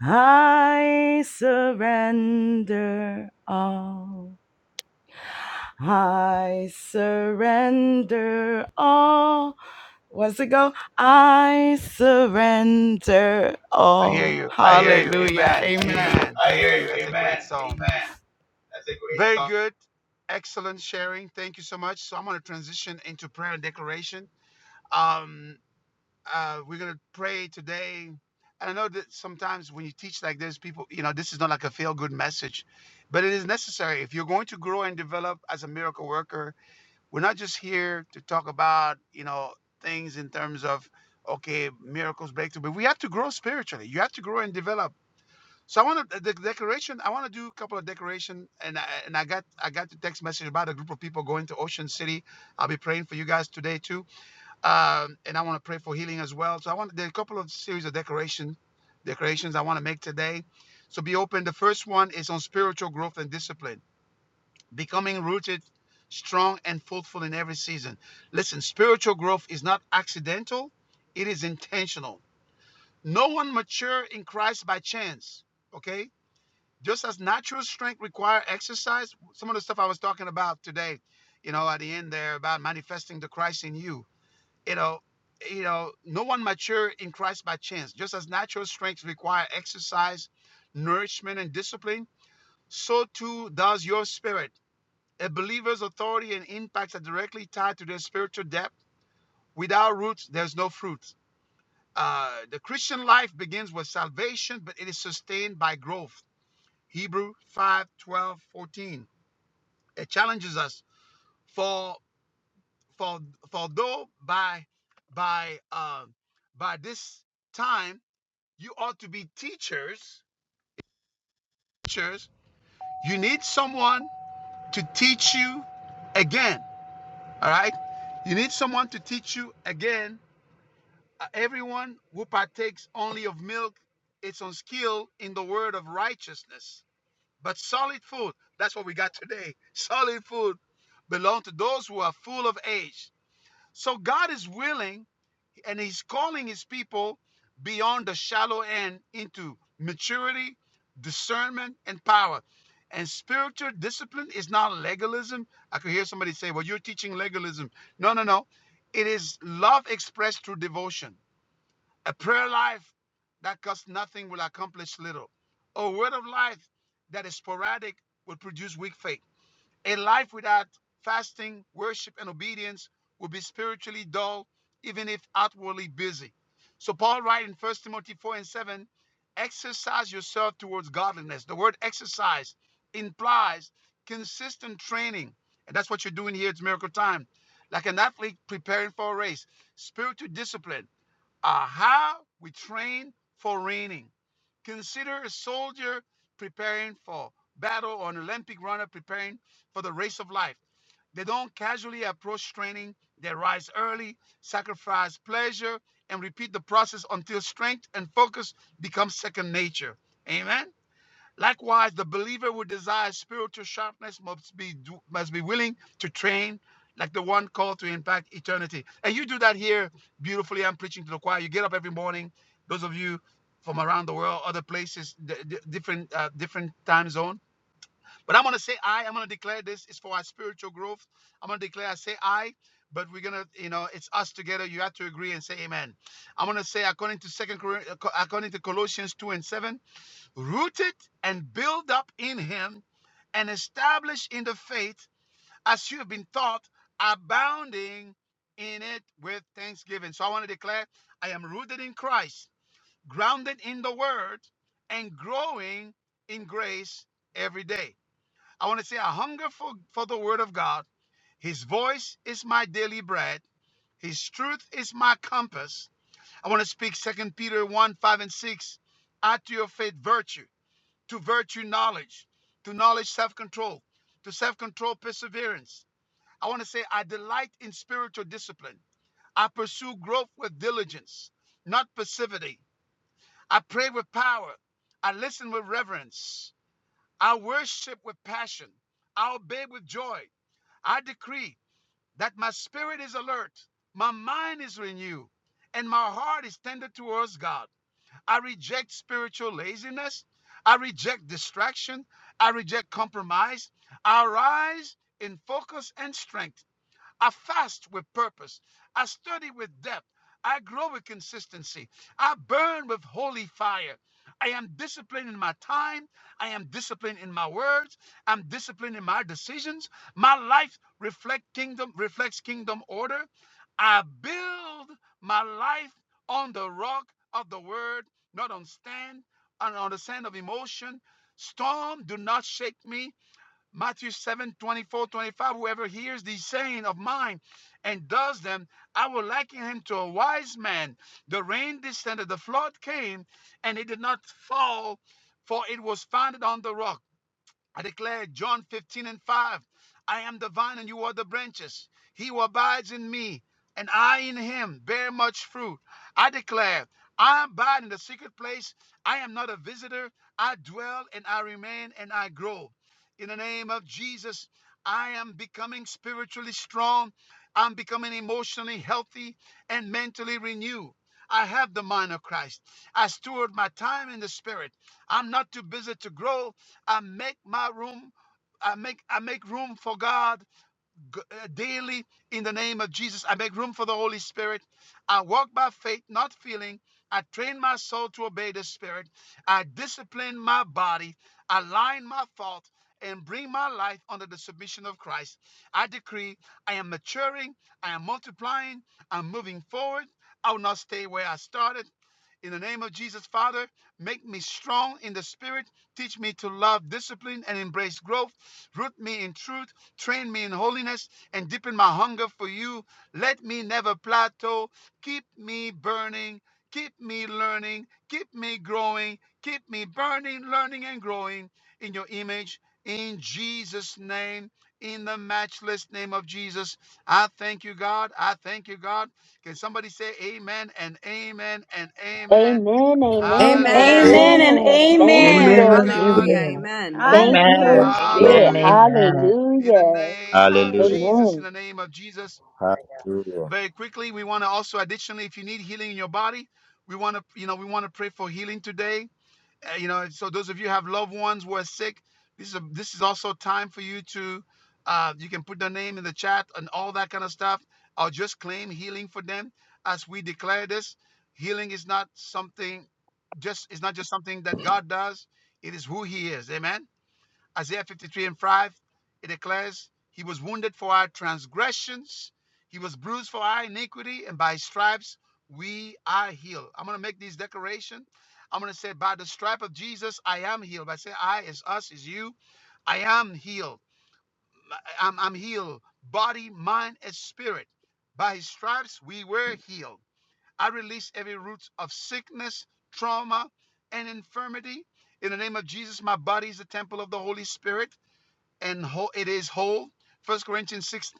H: I surrender all. I surrender all. What's it go? I surrender
A: I hear
H: all.
A: you. I hear you.
H: Hallelujah.
A: Amen.
H: Amen.
A: Amen. That's a great song. Very good. Excellent sharing. Thank you so much. So I'm going to transition into prayer and declaration. Um, Uh, we're gonna pray today. And I know that sometimes when you teach like this, people, you know, this is not like a feel-good message, but it is necessary if you're going to grow and develop as a miracle worker. We're not just here to talk about, you know, things in terms of okay, miracles, breakthrough, but we have to grow spiritually. You have to grow and develop. So I want to the declaration. I want to do a couple of declaration. and I, and I got I got the text message about a group of people going to Ocean City. I'll be praying for you guys today too um, and I want to pray for healing as well. So I want there are a couple of series of decoration decorations I want to make today. So be open. The first one is on spiritual growth and discipline, becoming rooted, strong, and fruitful in every season. Listen, spiritual growth is not accidental; it is intentional. No one mature in Christ by chance. Okay, just as natural strength require exercise, some of the stuff I was talking about today, you know, at the end there about manifesting the Christ in you you know you know no one mature in christ by chance just as natural strength require exercise nourishment and discipline so too does your spirit a believer's authority and impact are directly tied to their spiritual depth without roots there's no fruit uh, the christian life begins with salvation but it is sustained by growth hebrew 5 12 14. it challenges us for for for though by by uh, by this time You ought to be teachers. Teachers, you need someone to teach you again. All right? You need someone to teach you again. Uh, Everyone who partakes only of milk is unskilled in the word of righteousness. But solid food, that's what we got today. Solid food belongs to those who are full of age. So God is willing and he's calling his people beyond the shallow end into maturity, discernment, and power. And spiritual discipline is not legalism. I could hear somebody say, Well, you're teaching legalism. No, no, no. It is love expressed through devotion. A prayer life that costs nothing will accomplish little. A word of life that is sporadic will produce weak faith a life without fasting, worship, and obedience will be spiritually dull, even if outwardly busy. So Paul writes in 1 Timothy 4 and 7, exercise yourself towards godliness. The word exercise implies consistent training. And that's what you're doing here. It's miracle time. Like an athlete preparing for a race, spiritual discipline are how we train for reigning. Consider a soldier preparing for battle or an Olympic runner preparing for the race of life. They don't casually approach training, they rise early, sacrifice pleasure, and repeat the process until strength and focus become second nature. Amen. Likewise, the believer who desires spiritual sharpness must be do- must be willing to train like the one called to impact eternity. And you do that here beautifully. I'm preaching to the choir. You get up every morning. Those of you from around the world, other places, d- d- different uh, different time zone. But I'm gonna say I. I'm gonna declare this is for our spiritual growth. I'm gonna declare I say I. But we're gonna, you know, it's us together. You have to agree and say amen. I'm gonna say according to Second Corinthians, according to Colossians two and seven rooted and built up in him and established in the faith as you have been taught, abounding in it with thanksgiving. So I want to declare I am rooted in Christ, grounded in the word, and growing in grace every day. I want to say I hunger for, for the word of God. His voice is my daily bread. His truth is my compass. I want to speak Second Peter 1, 5, and 6. Add to your faith virtue to virtue knowledge, to knowledge self control, to self control perseverance. I want to say, I delight in spiritual discipline. I pursue growth with diligence, not passivity. I pray with power. I listen with reverence. I worship with passion. I obey with joy. I decree that my spirit is alert, my mind is renewed, and my heart is tender towards God. I reject spiritual laziness. I reject distraction. I reject compromise. I rise in focus and strength I fast with purpose. I study with depth. I grow with consistency. I burn with holy fire. I am disciplined in my time. I am disciplined in my words. I'm disciplined in my decisions. My life reflect kingdom reflects kingdom order. I build my life on the rock of the word, not on stand and on the sand of emotion. Storm do not shake me Matthew 7 twenty-four, 25. Whoever hears these saying of mine and does them, I will liken him to a wise man. The rain descended, the flood came, and it did not fall, for it was founded on the rock. I declare John 15 and 5. I am the vine and you are the branches. He who abides in me and I in him bear much fruit. I declare, I abide in the secret place. I am not a visitor. I dwell and I remain and I grow. In the name of Jesus, I am becoming spiritually strong. I'm becoming emotionally healthy and mentally renewed. I have the mind of Christ. I steward my time in the spirit. I'm not too busy to grow. I make my room I make I make room for God uh, daily in the name of Jesus. I make room for the Holy Spirit. I walk by faith, not feeling. I train my soul to obey the Spirit. I discipline my body, align my thoughts, and bring my life under the submission of Christ. I decree I am maturing, I am multiplying, I'm moving forward. I will not stay where I started. In the name of Jesus, Father, make me strong in the Spirit. Teach me to love discipline and embrace growth. Root me in truth Train me in holiness and deepen my hunger for you. Let me never plateau. Keep me burning. Keep me learning. Keep me growing. Keep me burning, learning, and growing in your image. In Jesus' name, in the matchless name of Jesus, I thank you, God. I thank you, God. Can somebody say amen and amen and amen?
M: Amen, amen,
A: Hallelujah.
C: Hallelujah.
D: Amen and
L: Amen.
M: amen. Thank
A: Glory
M: you,
A: be
G: Amen
A: to
D: amen.
M: Lord
G: and
A: God.
L: Hallelujah.
M: Jesus.
G: amen.
F: Oh,
L: Amen.
M: Thank you, Holy
B: Amen.
D: Hallelujah.
C: Glory.
M: Spirit.
B: Amen.
A: Hallelujah.
D: Amen.
B: Amen.
A: In the
F: that's
M: Hallelujah.
F: so good.
A: name of
C: Hallelujah.
D: Hallelujah.
A: Jesus, in
M: Amen.
A: the name of Jesus.
F: My God.
C: Hallelujah.
A: very quickly we want to also additionally if you need healing in your body we want to you know we want to pray for healing today Uh, you know so those of you who have loved ones who are sick this is a, this is also time for you to uh, you can put their name in the chat and all that kind of stuff or just claim healing for them as we declare this healing is not something just it's not just something that god does it is who he is amen Isaiah 53 and 5, it declares, He was wounded for our transgressions, He was bruised for our iniquity, and by His stripes we are healed. I'm going to make this declaration. I'm going to say, By the stripe of Jesus, I am healed. By saying, I is us, is you. I am healed. I- am I'm healed, body, mind, and spirit. By His stripes we were healed. I release every root of sickness, trauma, and infirmity. In the name of Jesus, my body is the temple of the Holy Spirit and it is whole. First Corinthians 6:19.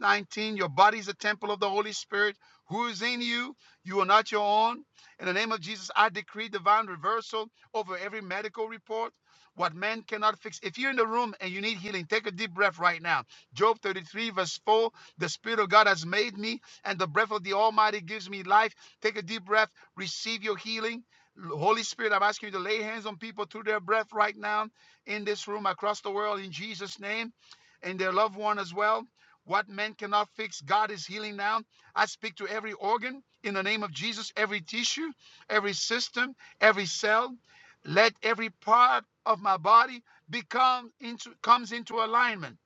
A: your body is the temple of the Holy Spirit who is in you. You are not your own. In the name of Jesus, I decree divine reversal over every medical report. What man cannot fix. If you're in the room and you need healing, take a deep breath right now. Job 33, verse 4 The Spirit of God has made me, and the breath of the Almighty gives me life. Take a deep breath, receive your healing. Holy Spirit, I'm asking you to lay hands on people through their breath right now in this room across the world in Jesus' name and their loved one as well. What man cannot fix, God is healing now. I speak to every organ in the name of Jesus, every tissue, every system, every cell. Let every part of my body become into comes into alignment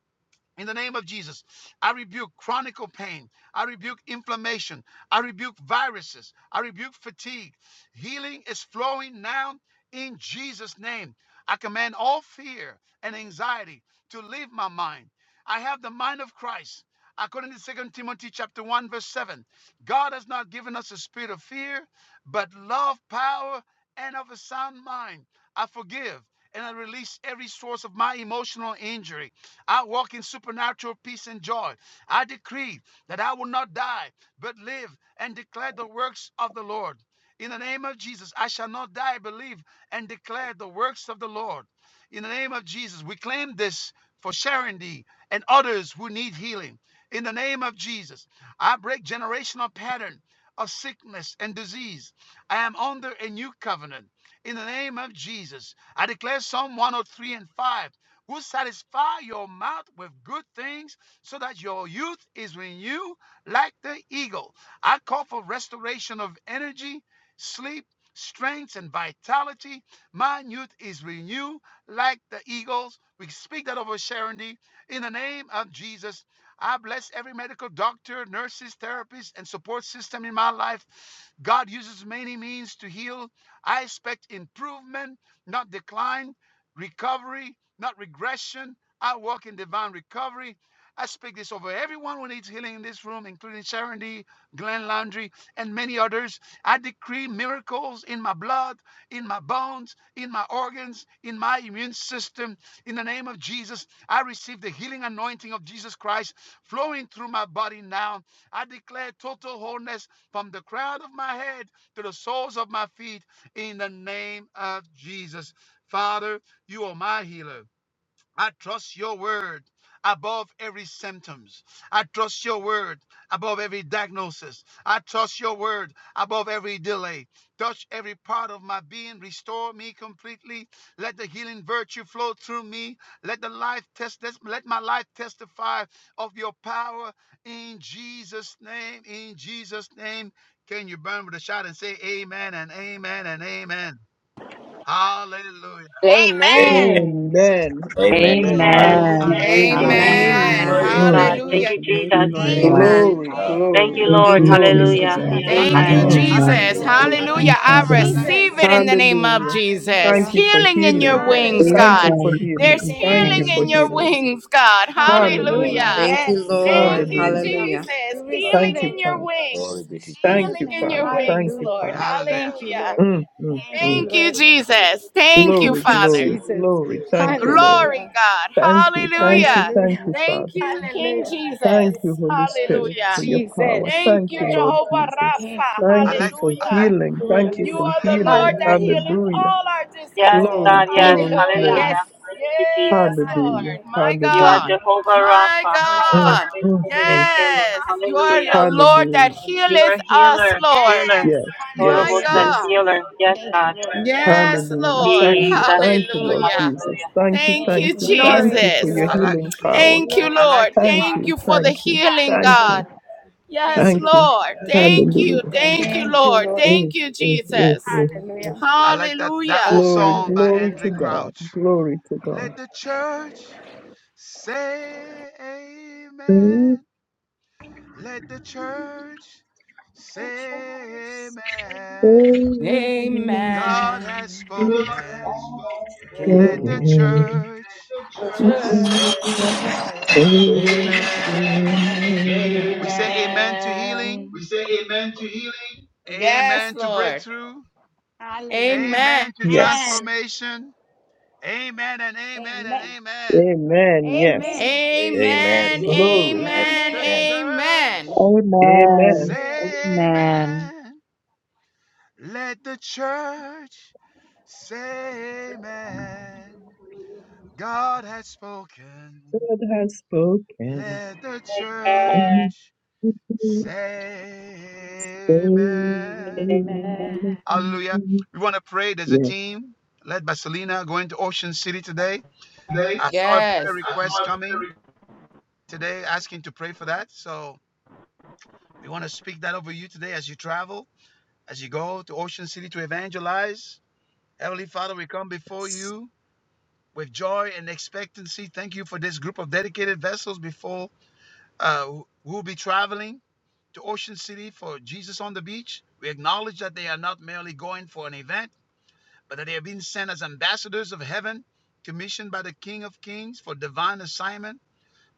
A: in the name of Jesus, I rebuke chronic pain. I rebuke inflammation. I rebuke viruses. I rebuke fatigue. Healing is flowing now in Jesus' name. I command all fear and anxiety to leave my mind. I have the mind of Christ. According to Second Timothy chapter 1, verse 7, God has not given us a spirit of fear, but love, power, and of a sound mind. I forgive and I release every source of my emotional injury I walk in supernatural peace and joy. I decree that I will not die, but live and declare the works of the Lord. In the name of Jesus, I shall not die, believe and declare the works of the Lord. In the name of Jesus, we claim this for Sharon D and others who need healing. In the name of Jesus, I break generational pattern of sickness and disease. I am under a new covenant. In the name of Jesus, I declare Psalm 103 and 5 will satisfy your mouth with good things so that your youth is renewed like the eagle. I call for restoration of energy, sleep, strength, and vitality. My youth is renewed like the eagles. We speak that over Sharon D. In the name of Jesus, I bless every medical doctor, nurses, therapists, and support system in my life. God uses many means to heal. I expect improvement, not decline recovery, not regression. I walk in divine recovery. I speak this over everyone who needs healing in this room, including Sharon D, Glenn Landry, and many others. I decree miracles in my blood, in my bones, in my organs, in my immune system. In the name of Jesus, I receive the healing anointing of Jesus Christ flowing through my body now. I declare total wholeness from the crown of my head to the soles of my feet in the name of Jesus. Father, you are my healer. I trust your word above every symptoms. I trust your word above every diagnosis. I trust your word above every delay. Touch every part of my being. Restore me completely. Let the healing virtue flow through me. Let the life test let my life testify of your power in Jesus' name. In Jesus' name. Can you burn with a shout and say amen and amen and amen? Hallelujah.
C: Amen.
D: Amen.
M: Amen.
G: Amen.
C: Amen.
F: And
G: Amen.
F: I'm not
I: Amen.
C: Hallelujah.
D: Amen.
A: I,
B: Amen.
G: Amen.
I: Amen.
H: And
B: Hallelujah.
I: Glory to
L: Amen.
D: Hallelujah.
I: God.
G: Mm.
C: Amen.
H: hallelujah.
I: Thank you,
B: Thank
L: Thank you,
I: Jesus.
B: you,
L: Lord.
C: Lord
F: going
B: Lord.
D: Amen
L: Amen.
D: and
G: Glory,
C: God.
I: Thank you,
G: glory,
B: Thank
I: Lord.
L: Thank you,
D: amen.
G: glory
B: you,
G: to
L: Jesus.
I: Hallelujah.
D: Hallelujah.
B: Jesus.
G: God.
A: I
C: Thank
H: Thank
A: like
C: you,
H: you,
I: Amen.
A: that.
C: Lord.
G: Mm,
C: for
A: I
D: Thank
B: Hallelujah.
C: the
A: like.
D: you,
G: mm,
H: Jesus.
C: healing.
D: Lord.
G: mm.
A: I
C: Thank
A: like
H: Hallelujah.
B: Thank
C: you,
D: Thank
A: that.
D: you,
H: I
B: you,
C: Father.
A: I like.
B: Lord.
H: receive
D: Jesus.
H: it in the name of
G: Hallelujah.
H: Jesus.
G: Thank
D: Hallelujah.
G: you for
H: Healing in your
G: healing, Lord.
C: Thank you,
H: wings,
B: Praise
G: Thank
D: Hallelujah.
G: you
H: God.
B: God
G: for
B: in
H: There's
G: healing.
B: Jesus'
D: Thank
G: Thank
D: you,
G: you
H: healing
G: for
H: in
B: name.
H: your
D: Jesus.
G: healing.
H: wings, God.
A: Man,
G: Hallelujah.
D: Hallelujah.
H: Hallelujah.
L: Thank
D: Yes.
L: you, Lord.
C: Lord
H: Thank you,
G: Hallelujah.
D: Hallelujah.
L: Hallelujah.
H: Jesus.
D: We
C: God.
D: receive
H: Healing
G: Thank you,
H: in
D: it.
H: your
G: Father.
C: Glory
H: wings.
C: be to you.
G: Thank
D: Jesus'
H: Healing
G: you,
H: in
D: name.
H: your
G: Father. Thank
H: wings,
G: you,
D: Hallelujah.
H: Lord.
G: Father.
A: hallelujah.
D: Thank you,
H: Hallelujah.
D: Lord.
G: Mm, mm,
D: Thank you,
G: mm.
H: Thank you,
D: Lord.
H: Jesus. Thank you,
G: Glory,
D: Thank you,
H: Father.
G: glory,
D: Jesus.
G: glory. Thank you, Lord.
H: Glory,
D: Hallelujah.
H: God.
G: Thank you, thank you,
H: Hallelujah.
G: thank
D: Hallelujah.
G: you, Father.
H: Thank you, King
D: Hallelujah.
G: Thank you,
H: Jesus.
G: Holy
D: Thank
G: Spirit, for
H: Hallelujah.
D: you,
G: your power.
D: Jesus.
H: Thank
G: Thank
H: you,
G: you, Lord
H: Jehovah
G: Jesus.
D: Thank
H: Rapha.
D: you,
G: Thank
A: I
D: Lord.
G: you
A: like.
G: for
A: I
H: Hallelujah.
A: like.
G: healing.
D: What a
G: Thank you
H: You
G: for
H: are the Lord
G: healing.
H: that
D: Hallelujah.
H: healeth
G: Hallelujah.
H: all our
I: Yes,
H: diseases.
D: Oh,
G: Glory,
I: God, yes.
D: thank you,
G: glory,
D: Lord.
H: Hallelujah.
D: Yes.
G: glory.
I: Hallelujah. Thank you,
H: Yes,
I: Jesus.
G: Hallelujah.
H: Lord.
D: Hallelujah.
H: My
I: You are
H: God.
G: Hallelujah.
D: Oh,
I: Jehovah
D: thank
H: My
D: you,
I: Rapha.
D: Jesus.
G: Mm,
H: God.
G: mm, mm.
H: Yes. You are
I: Hallelujah.
H: the
D: Hallelujah.
H: Lord that
G: Hallelujah.
I: You
H: healeth
I: are
H: us,
I: healer,
H: Lord.
I: healer,
G: Yes,
D: Yes.
H: My
I: horrible
G: yes,
D: Hallelujah.
I: son,
G: yes.
H: God.
I: healer. Yes,
D: Thank you,
I: God.
D: Lord.
H: Yes,
G: Hallelujah.
H: Lord.
G: Thank
D: What
G: you.
I: Jesus.
G: Thank you, Lord
H: Hallelujah.
D: a Hallelujah.
G: Jesus. Thank you,
D: Thank
G: thank
D: you.
G: you,
D: Glory
G: thank
D: to
G: you for
H: Yes.
D: you,
G: your
A: I
D: Lord.
A: like.
G: healing power.
A: I
D: Glory
A: like.
D: to you,
G: Thank you,
D: God.
G: thank you, thank
H: Amen.
G: you,
D: Hallelujah. Thank
G: thank
D: you,
G: you.
D: Lord.
G: Hallelujah.
D: Thank you, Lord.
G: Mm, mm, mm, mm.
D: Hallelujah.
A: I like that. That old
G: Glory,
A: song by
D: Hallelujah.
G: glory
A: Andrew
G: to God.
A: Crouch.
G: Glory to
A: Let
G: God.
A: the church say
G: Praise
A: amen. Let the church say
F: pictures.
G: the
A: amen.
G: Lord, my
A: God has
G: soul.
F: God
A: spoken.
F: is so
G: Praise
A: Let
G: the
A: the
F: good.
G: Lord.
A: church
F: Look
A: say
F: at
G: praise
F: you.
G: the
A: amen.
G: Lord.
A: We say
H: Amen.
A: amen to healing.
H: We say amen to healing. Yes,
A: Amen to
H: Lord.
A: breakthrough.
D: Hallelujah.
H: Amen.
A: Amen to
D: Amen.
G: Yes.
A: transformation. Amen and amen and
D: Amen.
A: amen.
G: Amen. Yes.
D: Amen.
F: Amen.
C: Amen.
H: Amen.
F: Amen.
G: Glory.
A: Let
H: Amen.
A: the
D: Amen.
C: Amen.
H: Amen.
A: church
B: Amen.
G: Amen.
D: Hallelujah.
B: Amen.
A: say amen. Let the church say amen. God has spoken.
G: God has spoken.
A: Let the church say amen.
D: Amen.
I: Hallelujah.
A: Hallelujah. We want to pray. There's a
G: Yes.
A: team led by Selena going to Ocean City today I saw a prayer request coming today asking to pray for that. So we want to speak that over you today as you travel, as you go to Ocean City to evangelize. Heavenly Father, we come before you with joy and expectancy. Thank you for this group of dedicated vessels before uh, who who will be traveling to Ocean City for Jesus on the Beach. We acknowledge that they are not merely going for an event, but that they are being sent as ambassadors of heaven, commissioned by the King of Kings for divine assignment.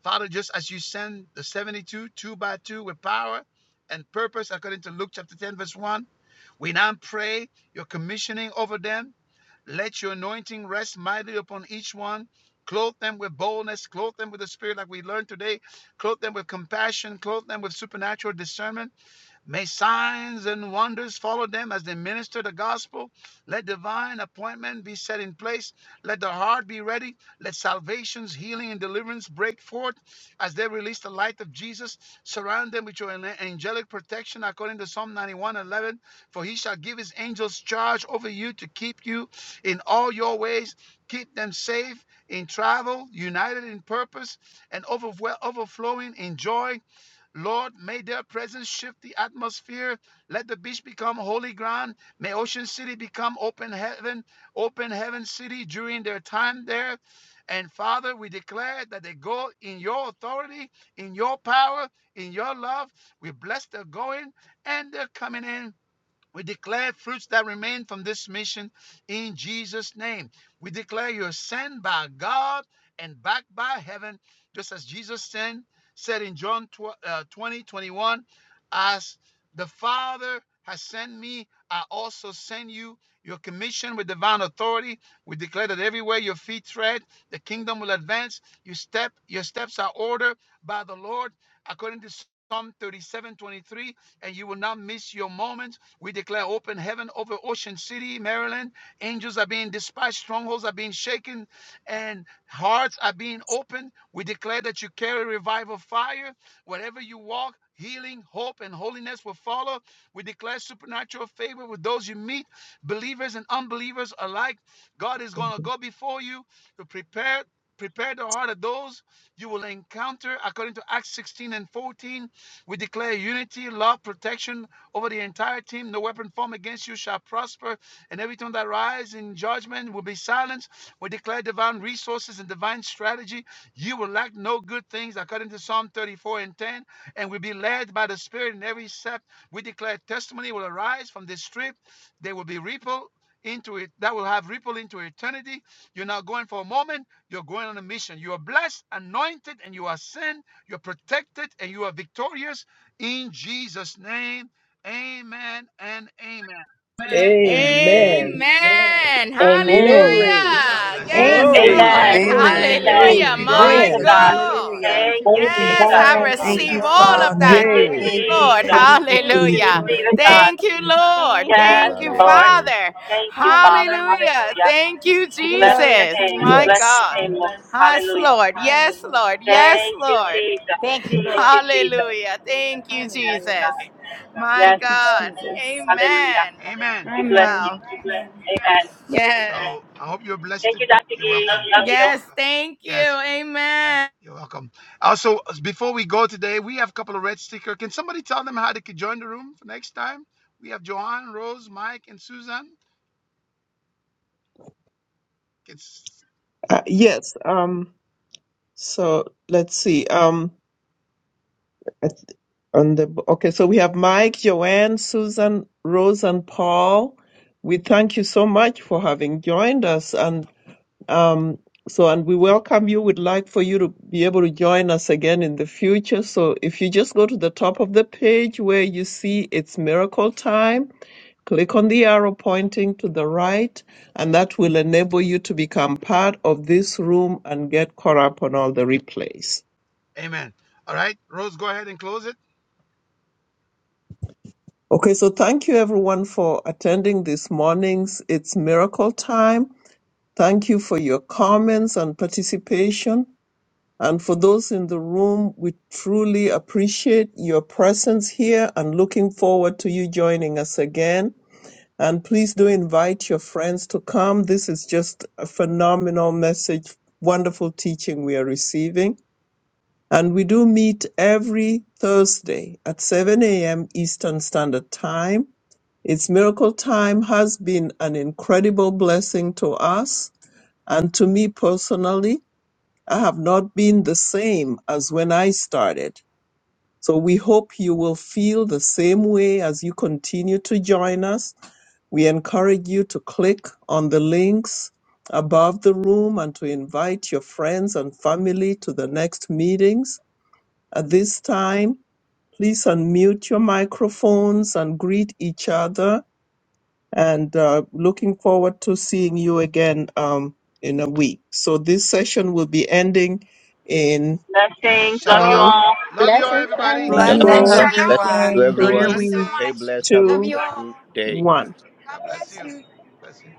A: Father, just as you send the 72 two by two with power and purpose, according to Luke chapter 10, verse 1, we now pray your commissioning over them. Let your anointing rest mightily upon each one. Clothe them with boldness, clothe them with the spirit, like we learned today. Clothe them with compassion, clothe them with supernatural discernment May signs and wonders follow them as they minister the gospel. Let divine appointment be set in place. Let the heart be ready. Let salvation's healing and deliverance break forth as they release the light of Jesus. Surround them with your an- angelic protection according to Psalm 91:11. For he shall give his angels charge over you to keep you in all your ways. Keep them safe in travel, united in purpose, and overwhel- overflowing in joy Lord, may their presence shift the atmosphere. Let the beach become holy ground. May Ocean City become open heaven, open heaven city during their time there. And Father, we declare that they go in your authority, in your power, in your love. We bless their going and their coming in. We declare fruits that remain from this mission in Jesus' name. We declare you're sent by God and backed by heaven, just as Jesus sent, said in John 20:21, as the Father has sent me, I also send you. Your commission with divine authority. We declare that everywhere your feet tread, the kingdom will advance. Your step, your steps are ordered by the Lord, according to Psalm 37:23, and you will not miss your moment we declare open heaven over Ocean City, Maryland. Angels are being dispatched, strongholds are being shaken, and hearts are being opened. We declare that you carry revival fire. Wherever you walk, healing, hope, and holiness will follow. We declare supernatural favor with those you meet, believers and unbelievers alike. God is going to go before you to prepare. Prepare the heart of those you will encounter according to Acts 16 and 14. We declare unity, love, protection, over the entire team. No weapon formed against you shall prosper, and every tongue that rises in judgment will be silenced. We declare divine resources and divine strategy. You will lack no good things, according to Psalm 34 and 10, and will be led by the Spirit in every step. We declare testimony will arise from this trip. There will be ripple into it that will have ripple into eternity. You're not going for a moment, you're going on a mission. You are blessed, anointed, and you are sent, you're protected, and you are victorious in Jesus' name. Amen and amen.
F: Amen.
G: Amen.
F: Amen.
H: Amen.
A: Uh,
H: Hallelujah.
F: Thank
M: Amen.
F: you.
G: Glory.
A: God bless you.
H: Yes,
G: Glory,
D: Amen.
I: Amen.
H: Lord.
C: Amen.
G: glory.
L: Amen.
C: Amen.
D: Hallelujah.
I: Amen.
L: Thank
F: Glory
H: Hallelujah.
F: to
L: you,
C: Amen.
I: Glory
F: God.
D: Thank
H: My
I: to
D: you,
G: Amen.
L: Jesus.
I: God.
F: Glory
D: Jesus.
H: God.
L: Hallelujah.
F: to
D: Thank
I: Thank
D: you,
I: you,
F: God.
D: Lord.
H: Yes,
I: Jesus.
H: I
D: Glory to you,
L: Thank
B: Amen.
H: receive
L: you,
D: God.
F: Hallelujah.
H: all
C: Lord,
H: of that.
I: Thank
L: Father.
I: you,
H: Yes,
G: Yay.
L: Thank you,
D: Hallelujah.
H: Lord,
C: thank
I: Jesus.
B: Thank
L: Jesus.
F: Interceding.
B: you,
D: Thank
I: We
D: you,
H: hallelujah.
I: receive
D: Lord.
I: it,
B: Jesus.
I: God.
H: Thank you, Lord.
D: Thank
C: you.
D: you,
I: Yes,
H: Thank you,
D: Lord.
I: Lord.
C: Hallelujah.
H: Father.
I: Thank you, Father.
D: Hallelujah.
H: Hallelujah.
I: Hallelujah.
H: Thank you,
I: We bless your
D: Glory
H: Jesus.
D: to
I: name.
D: you,
I: We
H: My
D: Lord.
I: bless
G: Yes.
I: your
H: God.
I: name, Lord.
D: Hallelujah.
H: Yes,
I: Hallelujah.
H: Lord. Yes,
D: Hallelujah.
H: Lord. Yes,
I: Thank you,
H: Lord.
I: Jesus.
D: Thank you,
I: Thank
D: Lord.
I: you, Jesus.
H: Hallelujah. Thank you,
I: Yes,
D: Hallelujah.
H: Jesus.
I: God.
H: My
I: Yes,
D: Thank you,
I: Lord.
H: God.
D: Jesus.
I: Hallelujah.
H: Amen.
A: A- amen.
I: We bless
D: Amen.
I: you.
H: Wow.
I: Amen.
H: Yes.
A: So I hope you're blessed.
I: Thank
A: to-
I: you, Dr.
A: You're
I: Gee.
A: welcome.
I: Love you.
H: Yes. Thank you.
A: Yes,
H: Amen.
A: you're welcome. Also, before we go today, we have a couple of red sticker. Can somebody tell them how they could join the room for next time? We have Johan, Rose, Mike, and Susan. Can s-
G: Uh, yes. Um, so let's see. Um, I th- on the, okay. So we have Mike, Joanne, Susan, Rose, and Paul. We thank you so much for having joined us. And, um, so, and we welcome you. We'd like for you to be able to join us again in the future. So if you just go to the top of the page where you see it's miracle time, Click on the arrow pointing to the right, and that will enable you to become part of this room and get caught up on all the replays.
A: Amen. All right, Rose, go ahead and close it.
G: Okay, so thank you everyone for attending this morning's It's Miracle Time. Thank you for your comments and participation. And for those in the room, we truly appreciate your presence here and looking forward to you joining us again And please do invite your friends to come. This is just a phenomenal message, wonderful teaching we are receiving. And we do meet every Thursday at 7 a.m. Eastern Standard Time. It's miracle time has been an incredible blessing to us. And to me personally, I have not been the same as when I started. So we hope you will feel the same way as you continue to join us. We encourage you to click on the links above the room and to invite your friends and family to the next meetings. At this time, please unmute your microphones and greet each other. And uh, looking forward to seeing you again um, in a week. So this session will be ending in
I: Blessings. Love you
G: five,
A: Shalom.
I: all.
A: Love you all,
M: Blessings,
A: everybody.
B: Love
C: Shalom.
B: you
M: family.
B: all.
L: Blessings,
B: Have
G: four,
C: Shalom.
B: a great
C: Blessings
D: Shalom.
L: everyone.
B: day.
C: to
B: Enjoy
D: Thank
B: your
D: you
G: three,
C: everyone.
B: week.
D: so
C: Stay
D: much.
A: Blessings.
C: blessed. Have a
D: Love
G: two,
D: you all.
C: wonderful
D: God
C: day.
G: one.
A: God bless
D: bless
A: you.
D: you.
A: Bless you.